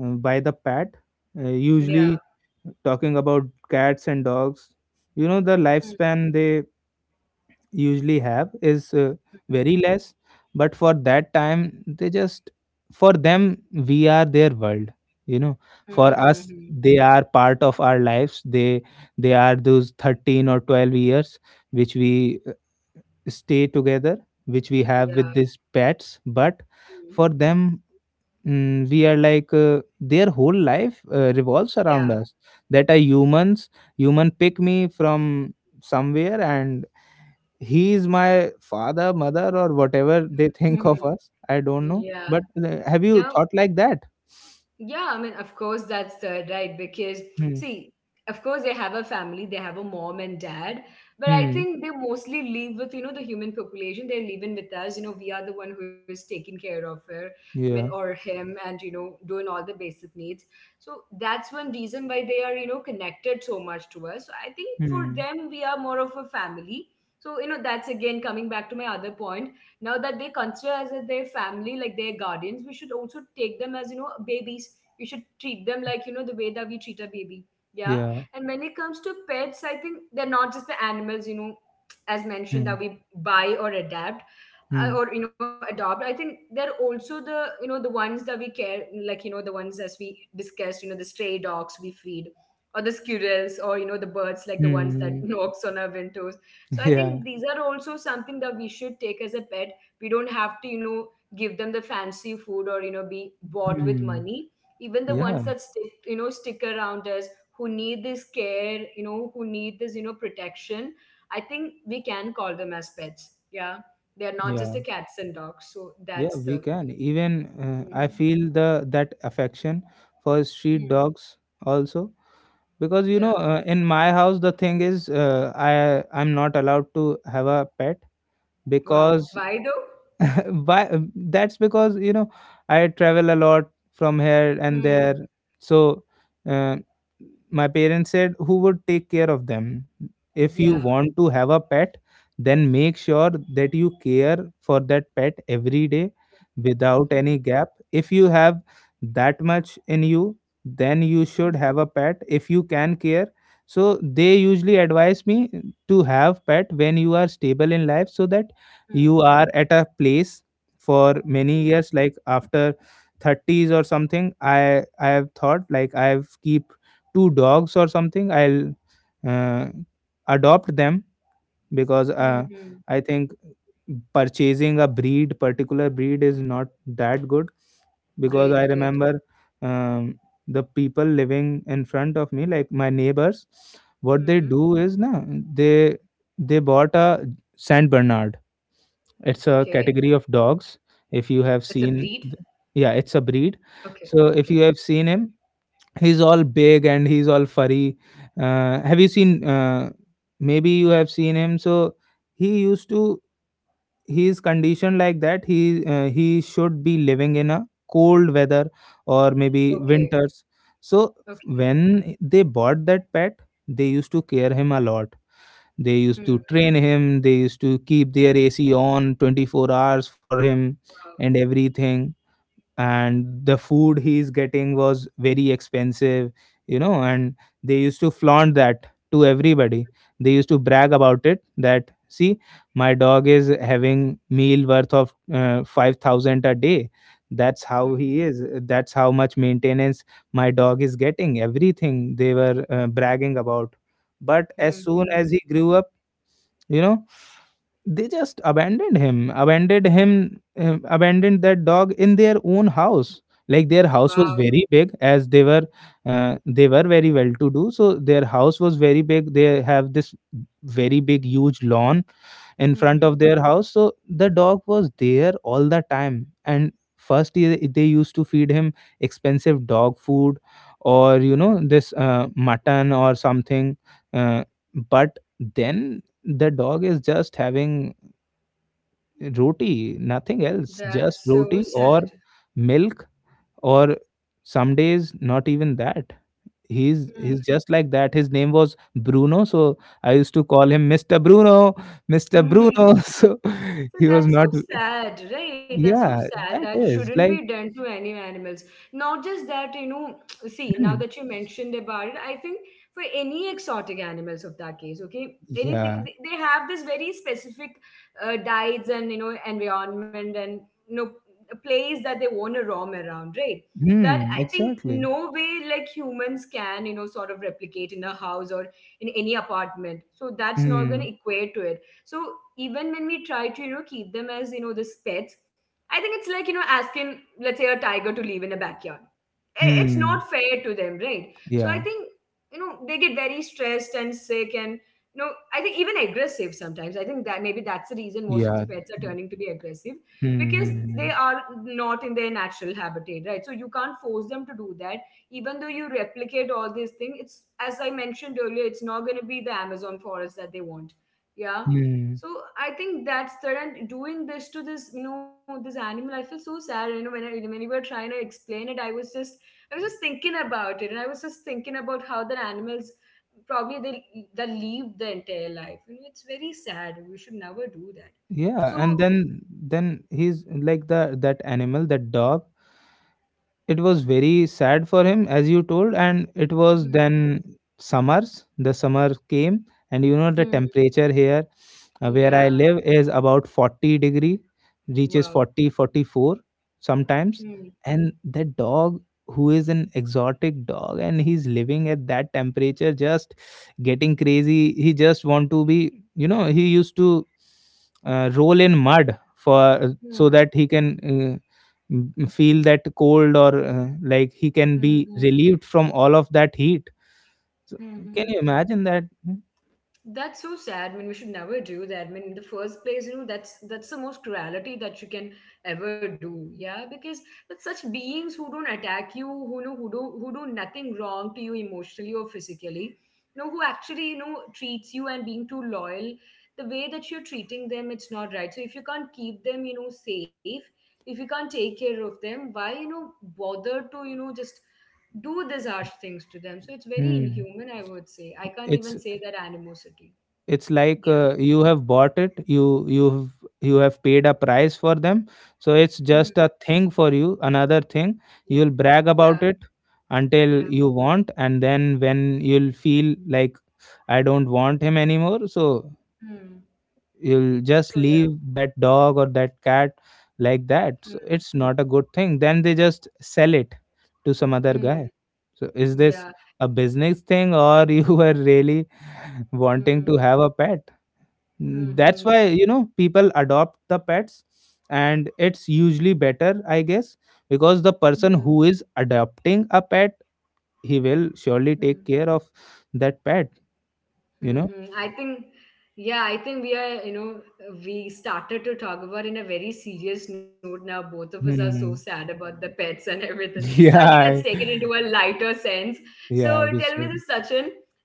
by the pet, Yeah. usually. Talking about cats and dogs, the Hmm. lifespan they usually have is Hmm. very less, but for that time they just, for them we are their world you know Hmm. for Hmm. us, Hmm. they are part of our lives. They are those 13 or 12 years which we stay together, which we have Yeah. with these pets, but Hmm. for them, we are like their whole life revolves around Yeah. us, that are humans. Human pick me from somewhere, and he is my father, mother, or whatever they think of us. I don't know, Yeah. but have you No. thought like that? Yeah, I mean, of course, that's right. Because, Hmm. see, of course, they have a family, they have a mom and dad, but I Hmm. think they mostly live with, the human population. They're living with us. We are the one who is taking care of her, I mean, Yeah. or him, and, doing all the basic needs. So that's one reason why they are, connected so much to us. So I think for Hmm. them, we are more of a family. So, that's again coming back to my other point. Now that they consider us as their family, like their guardians, we should also take them as, babies. We should treat them like, the way that we treat a baby. Yeah. Yeah. And when it comes to pets, I think they're not just the animals, as mentioned, Hmm. that we buy or adapt, Hmm. or adopt. I think they're also the, the ones that we care, like the ones, as we discussed, the stray dogs we feed, or the squirrels, or the birds, like the ones that Hmm. knocks on our windows. So I Yeah. think these are also something that we should take as a pet. We don't have to, give them the fancy food, or be bought with Hmm. money. Even the Yeah. ones that stick you know stick around us, who need this care, who need this, protection. I think we can call them as pets. Yeah. They're not just Yeah. the cats and dogs. So Yeah, that's we the. can. Even I Mhm. feel the that affection for street Mhm. dogs also, because Yeah. In my house the thing is, I'm not allowed to have a pet Wow, because, why though? why? That's because I travel a lot from here and there. Mm. So, uh, my parents said, who would take care of them? If you Yeah. want to have a pet, then make sure that you care for that pet every day without any Mhm. gap. If you have that much in you, then you should Mm. have a pet if you can care. So they usually advise me to have pet when you are stable in life, so that you Mm. are at a place for many Mm. years, like after 30s or something. I have thought like I have keep two dogs or something. I'll uh, adopt them, because Mhm. I think purchasing a breed particular breed is not that good. Because I Great, great. remember, um, the people living in front of me, like my neighbors, what they Hmm. do is, na, they they bought a Saint Bernard. It's a Okay. category of dogs. If you have It's a seen, breed. yeah, it's a breed. Okay, So if okay, you have seen him, he's all big and he's all furry. Have you seen? Maybe you have seen him. So he used to. He's conditioned like that. He should be living in a cold weather, or maybe okay. winters. So Okay. when they bought that pet, they used to care him a lot. They used Hmm. to train him. They used to keep their AC on 24 hours for him Wow. and everything. And the food he's getting was very expensive, and they used to flaunt that to everybody. They used to brag about it that, see, my dog is having meal worth of 5,000 a day. That's how Hmm. he is, that's how much maintenance my dog is getting. Everything they were, bragging about. But Hmm. as Hmm. soon Hmm. as he grew up, you know they just abandoned him, abandoned that dog in their own house. Like their house was Wow. very big, as they were very well to do. So their house was very big, they have this very big, huge lawn in Hmm. front of Hmm. their house. So the dog was there all the time. And first, they used to feed him expensive dog food, or this mutton or something, uh, but then the dog is just having roti, nothing else, just That's so roti or sad. milk, or some days not even that. he's Hmm. he's just like that. His name was Bruno, so I used to call him Mr. Bruno. Mr. Bruno. So he So was not. that's so sad, right? That's so Yeah, sad. that That is shouldn't like. be done to any animals. Not just that, see, now Hmm. that you mentioned about it, I think for any exotic animals of that case, okay, anything, Yeah. They have this very specific diets and, environment and, you know, a place that they want to roam around, right? That, Hmm, I think, exactly. no way like humans can, sort of replicate in a house or in any apartment. So that's not going to Hmm. equate to it. So even when we try to, keep them as, this pets, I think it's like, asking, let's say, a tiger to live in a backyard. It's Hmm. not fair to them, right? So I Yeah. think, they get very stressed and sick, and, I think even aggressive sometimes. I think that maybe that's the reason most of the Yeah. pets are turning to be aggressive Hmm. because they Hmm. are not in their natural habitat, right? So you can't force them to do that. Even though you replicate all these things, it's, as I mentioned earlier, it's not going to be the Amazon forest that they want. Yeah. Hmm. So I think that's that, and doing this to this, this animal, I feel so sad. You know, when I when you were trying to explain it, I was just thinking about it, and I was just thinking about how the animals probably they leave the entire life. You know, it's very sad. We should never do that. Yeah. And So then he's like, the that animal, that dog. It was very sad for him, as you told, and it was hmm, then summers. The summer came, and the hmm, temperature here, where I yeah. live, is about 40-degree, reaches Wow. 40 44 sometimes. Hmm, And that dog, who is an exotic dog, and he's living at that temperature, just getting crazy. He just want to be, he used to roll in mud for, so that hmm, he can feel that cold, or like he can be hmm, relieved from all of that heat, so, hmm, hmm, can hmm. you imagine that? That's so sad. I mean, we should never do that. I mean, in the first place, that's the most cruelty that you can ever do. Yeah, because it's such beings who don't attack you, who do nothing wrong to you emotionally or physically. You know, who actually treats you and being too loyal. The way that you're treating them, it's not right. So if you can't keep them, safe, if you can't take care of them, why bother to just do these harsh things to them. So it's very Hmm. inhuman, I would say. I can't even it's say that animosity. it's like, Yeah. You have bought it. You have paid a price for them, so it's Hmm. just a thing for you, another thing Yeah. you'll brag Yeah. about it Yeah. until you want. And then when you'll feel like, I don't want him anymore, so Hmm. you'll just So yeah. leave that dog or that cat like that. So Hmm. it's not a good thing. Then they just sell it to some other Hmm. guy. So, is this Yeah. a business thing, or you were really wanting Hmm. to have a pet? Hmm. That's Hmm. why people adopt the pets, and it's usually better, I guess. Because the person Hmm. who is adopting a pet, he will surely Hmm. take care of that pet you know Mm-hmm. I think, yeah, I think we are, you know, we started to talk about in a very serious note now. Both of us are so hmm. sad about the pets and everything. So I think let's take Yeah. it into a lighter sense. So Yeah, we tell me this, should. Sachin.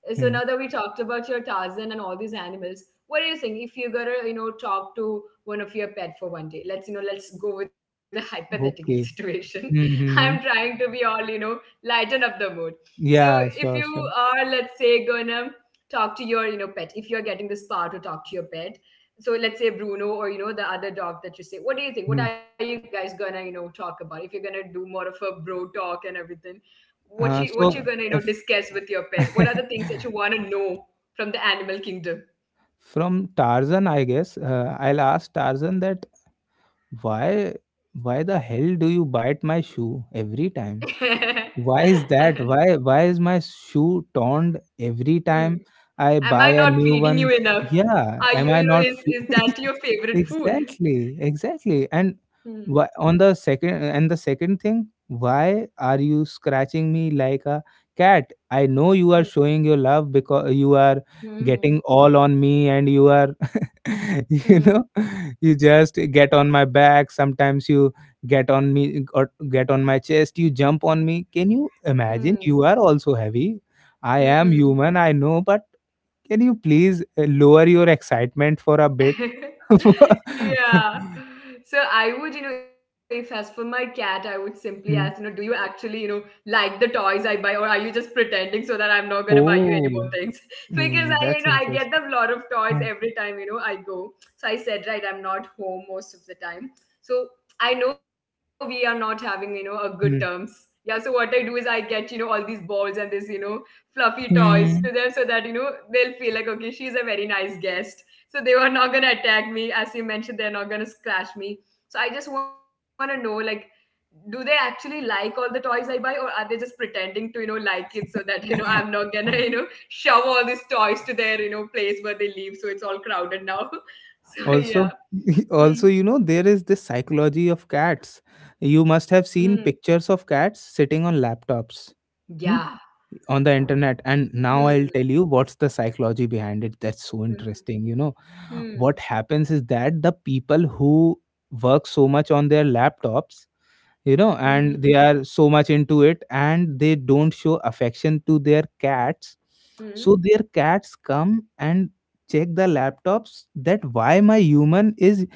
So now Hmm. that we talked about your Tarzan and all these animals, what do you think if you gotta, talk to one of your pet for one day? Let's go with a hypothetical Okay. situation. Mhm, I'm mhm. trying to be all, lighten up the mood. So Yeah, if sure, you sure. are, let's say, gonna talk to your pet, if you're getting this power to talk to your pet, so let's say Bruno, or the other dog that you say, what do you think, Mhm. what are you guys gonna talk about? If you're gonna do more of a bro talk and everything, what you're So, gonna if discuss with your pet, what are the things that you want to know from the animal kingdom? from Tarzan, I guess, I'll ask Tarzan that why why the hell do you bite my shoe every time? Hmm. Why is that? Why is my shoe torn every time I Am I buy a not new feeding you one? enough? Yeah, Are am you, I you know not is that your favorite food? Exactly, exactly. And Hmm. why, on the second thing, why are you scratching me like a cat? I know you Hmm. are showing your love because you are Hmm. getting all on me, and you are you Hmm. know you just get on my back sometimes. You get on me or get on my chest. You jump on me. Can you imagine, Hmm. you are also heavy? I am Hmm. human, I know, but can you please lower your excitement for a bit? Yeah. So I would, if as for my cat, I would simply ask, do Hmm. you actually, like the toys I buy, or are you just pretending so that I'm not gonna buy you any more Oh. things? Because Hmm, that's I get them interesting. a lot of toys Hmm, every time, I go. So I said, right, I'm not home most of the time. So I know we are not having, a good terms. hmm, Yeah, so what I do is I get, all these balls and this, fluffy toys to hmm. them so that, they'll feel like, okay, she's a very nice guest, so they were not gonna attack me as you mentioned, they're not gonna scratch me. So I just want to know, like, do they actually like all the toys I buy, or are they just pretending to, like it, so that I'm not gonna, shove all these toys to their, place where they live, so it's all crowded now. So yeah. Also, Hmm. also, you know, there is this psychology of cats. You Hmm. must have seen pictures of cats sitting on laptops hmm, Yeah. on the internet. And now I'll Hmm. tell you what's the psychology behind it. That's so Hmm. interesting. You know, what Hmm. happens is that the people who work so much on their laptops, you Hmm. know, and they are so much into it and they don't show affection to their cats. Hmm. So their cats come and check the laptops that why my human is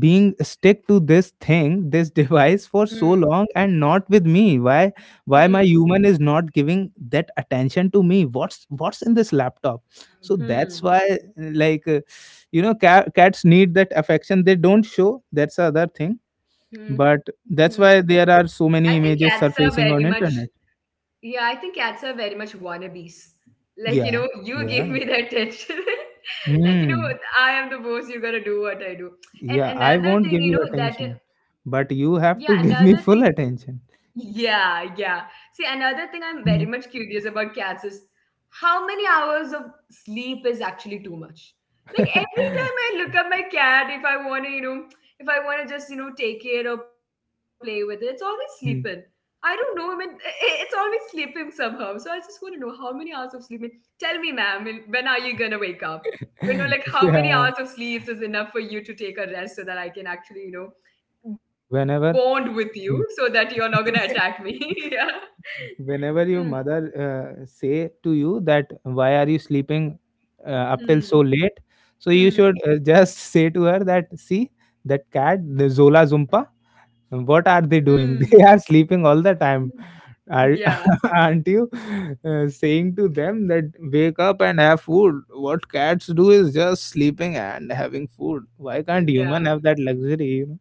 being stick to this thing, this device, Hmm. for so long and not with me. why Hmm. why my Hmm. human is not giving that attention to me? What's in this laptop? So that's Hmm. why, like uh, you know, cats need that affection. They don't show. That's the other thing. Hmm. But hmm. that's why there I are think so cats many are images very much. surfacing on internet. Yeah, I think cats are very much wannabes. Like, Yeah, you they give me are. that attention. Like, Hmm. I am the boss, you gotta do what I do. And Yeah, I another won't thing, give you attention, but yeah, you another have to thing, give me full attention. yeah, yeah. See, another thing I'm very much curious about cats is how many hours of sleep is actually too much. Like every time I look at my cat, if I want to, you know, if I want to just, take it or play with it, it's always sleeping. Hmm. I don't know. I mean, it's always sleeping somehow. So I just want to know how many hours of sleep. I mean, tell me, ma'am, I mean, when are you gonna wake up? You know, like, Yeah, how many hours of sleep is enough for you to take a rest so that I can actually, whenever. bond with Mm. you so that you're not gonna attack me. Yeah. Whenever your mother Hmm. Say to you that why are you sleeping up till so late, Hmm. so you should Hmm. just say to her that, see, that cat, the zola zumpa, what are they doing? Hmm. They are sleeping all the time. Hmm. Are, Yeah. aren't you saying to them that wake up and have food? What cats do is just sleeping and having food. Why can't human have that Yeah. luxury, you know?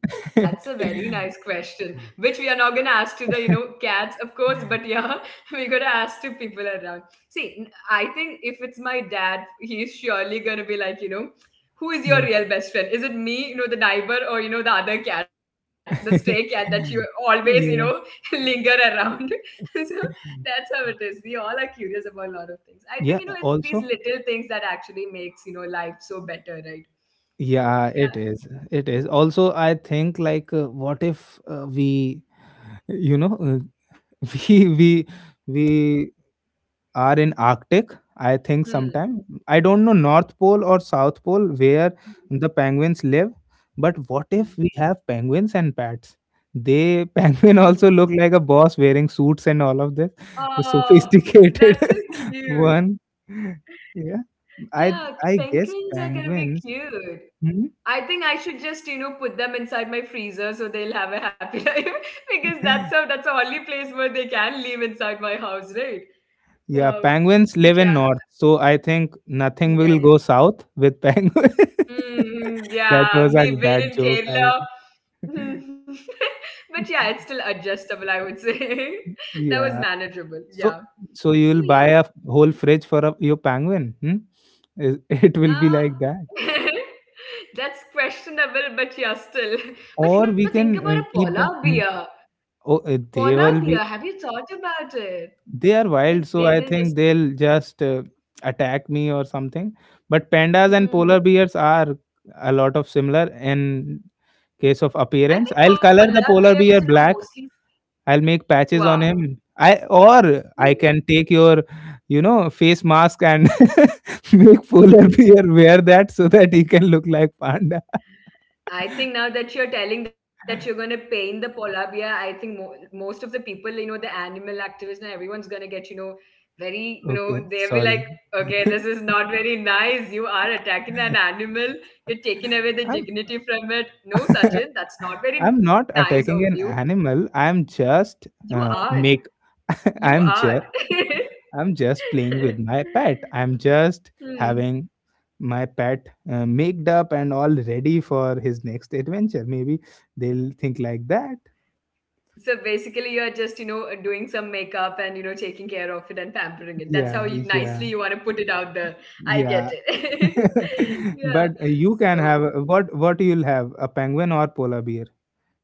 Yeah, that's a very nice question, which we are not gonna ask to the, cats, of course, but yeah, we're gonna ask to people around. See, I think if it's my dad, he's surely gonna be like, Hmm. who is your real best friend? Is it me, the neighbor, or the other cat, the stray cat that you always, Yeah. Linger around? So that's how it is. We all are curious about a lot of Yeah, things. I think, also, it's these little things that actually makes, life so better, right? yeah, it So is. yeah. It is. Also, I think what if we, you know, we we we are in Arctic, I think sometime. I Hmm. don't know, North Pole or South Pole, where the penguins live, but what if we have Hmm. penguins and bats? They, penguin Hmm. also look like a boss wearing suits and all of this, the Oh, that's so sophisticated cute. one. Yeah. I Yeah, I guess penguins are gonna be penguins. cute. Hmm? I think I should just, put them inside my freezer so they'll have a happy life because that's the only place where they can live inside my house, right? Yeah, Wow. penguins live But in yeah, north, so I think nothing will yeah, go yeah. south with penguins. Mm, That was a yeah, we've bad been joke. in I Kerala. Mm. But yeah, it's still adjustable, I would say. That was yeah. manageable. So, Yeah. You'll So buy a yeah. whole fridge for a, your penguin. Hmm? It, it will be like Uh, that, That's questionable, but yeah, still. or But you we know, can think about a keep the. polar Hmm? bear. Oh, they will Polar be. bear, have you thought about it? They are wild, so Like I they're think gonna just they'll be. just attack me or something. But pandas and polar Hmm. bears are a lot of similar in case of appearance. I I'll think color polar the polar bear bears, you know, black. mostly. I'll make patches on Wow. him. I, or I can take your, you know, face mask and make polar bear wear that so that he can look like panda. I think now that you're telling that you're going to paint the polar bear, I think most of the people, the animal activists and everyone's going to get, Okay, they'll sorry. be like, okay, this is not very nice. You are attacking an animal. You're taking I'm away the dignity from it. No, Sachin, that's I'm not very not nice of attacking an you. animal. I'm just You are. make. You I'm just. are. I'm just playing with my pet. I'm just having Hmm. my pet made up and all ready for his next adventure. Maybe they'll think like that. So basically, you're just, doing some makeup and, taking care of it and pampering it. That's how Yeah, you, nicely yeah, you want to put it out there. I get yeah. it. Yeah. But you So can have what? What you'll have? A penguin or polar bear?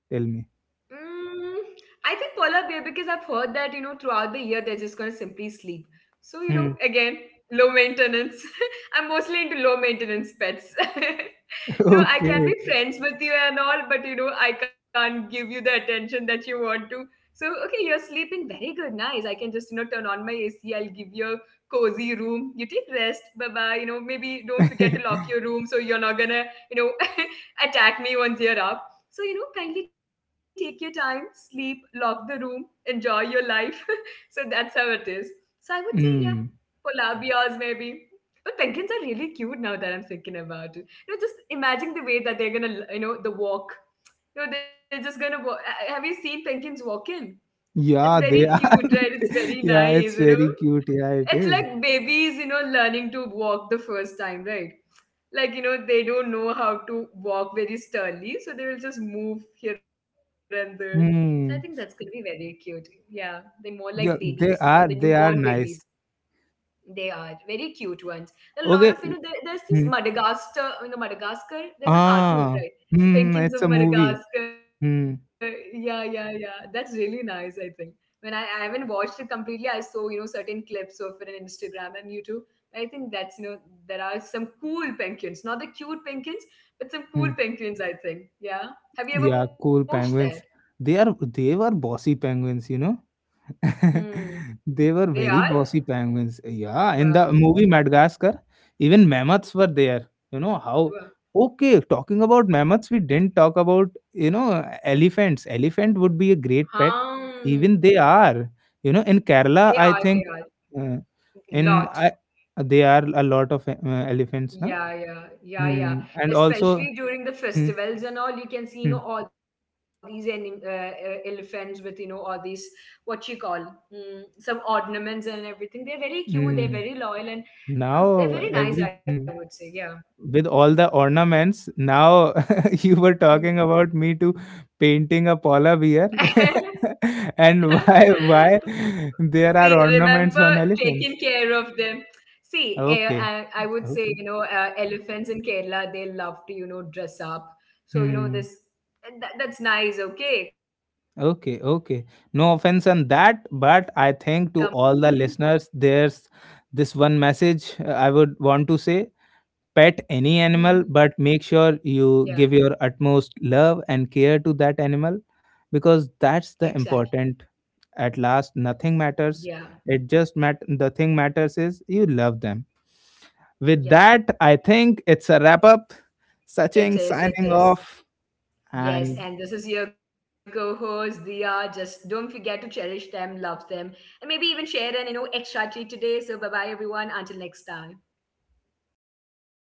Tell me. mm, I think polar bear because I've heard that throughout the year they're just gonna simply sleep. So Hmm. again low maintenance. I'm mostly into low maintenance pets. You know, I can be Okay. friends with you and all, but I can't give you the attention that you want to. So okay, you're sleeping very good, nice. I can just turn on my AC. I'll give you a cozy room. You take rest, bye bye. You know, maybe don't forget to lock your room so you're not gonna, you know attack me once you're up. So, kindly take your time, sleep, lock the room, enjoy your life. So that's how it is. So I would say, yeah, Hmm. polar bears maybe. But penguins are really cute now that I'm thinking about it. You know, just imagine the way that they're gonna, the walk. You know, they're just gonna walk. Have you seen penguins walk in? It's very Yeah, they cute, right? are. It's very nice, Yeah, you it's know. very cute. Yeah, It's it like is. babies, you know, learning to walk the first time, right? Like, they don't know how to walk very sternly, so they will just move here and there. So I think that's going to be Hmm. very cute. Yeah, they're more like Yeah, babies, they the are. They newborn are babies. nice. They are very cute ones. A Okay. lot of there's Hmm. this Madagascar, Madagascar. There's a Ah. cartoon, right? Hmm. It's a Penguins of movie. Madagascar. Hmm. Yeah, yeah, yeah. That's really nice. I think I haven't watched it completely, I saw certain clips of it on Instagram and YouTube. I think that's there are some cool penguins, not the cute penguins, but Hmm. some cool penguins. I think. Yeah. Yeah, Have you ever cool watched that? penguins. They are. They were bossy penguins. You know. Hmm. They were very They bossy are. penguins. Yeah, in the movie Wow. Madagascar, even mammoths were there. You know how? Wow. Okay, talking about mammoths, we didn't talk about, you know, elephants. Elephant would be a great pet. Hmm. Even they are. You know, in Kerala, I They think are. They are. uh, in I Lot. they are a lot of elephants, na? Yeah, yeah, Hmm. yeah, And yeah. also, Especially hmm, during the festivals and all, hmm, you can see, all these anim elephants with, all these what you call mm, some ornaments and everything. They're very cute. hmm. They're very loyal, and Now they're very every nice. I hmm. would say, yeah. With all the ornaments. Now you were talking Hmm. about me to painting a polar bear, and why there are See, ornaments remember on elephants? taking care of them. See, Okay, I would say, okay, elephants in Kerala, they love to, dress up. So, hmm, that's nice, okay? Come on. okay, You can't okay. say that. No offense on that, but I think to all the listeners, there's this one message I would want to say. Pet any animal, but Mhm. make sure you give Yeah, your utmost love and care to that animal, because that's the exactly. important. At last, nothing matters. Yeah, It just the thing matters is you love them. With that, yeah. I think it's a wrap up. Sachin signing It is, it off is. and Yes, and this is your co-host Dia. Just don't forget to cherish them, love them, and maybe even share an extra treat today. So bye bye everyone. Until next time.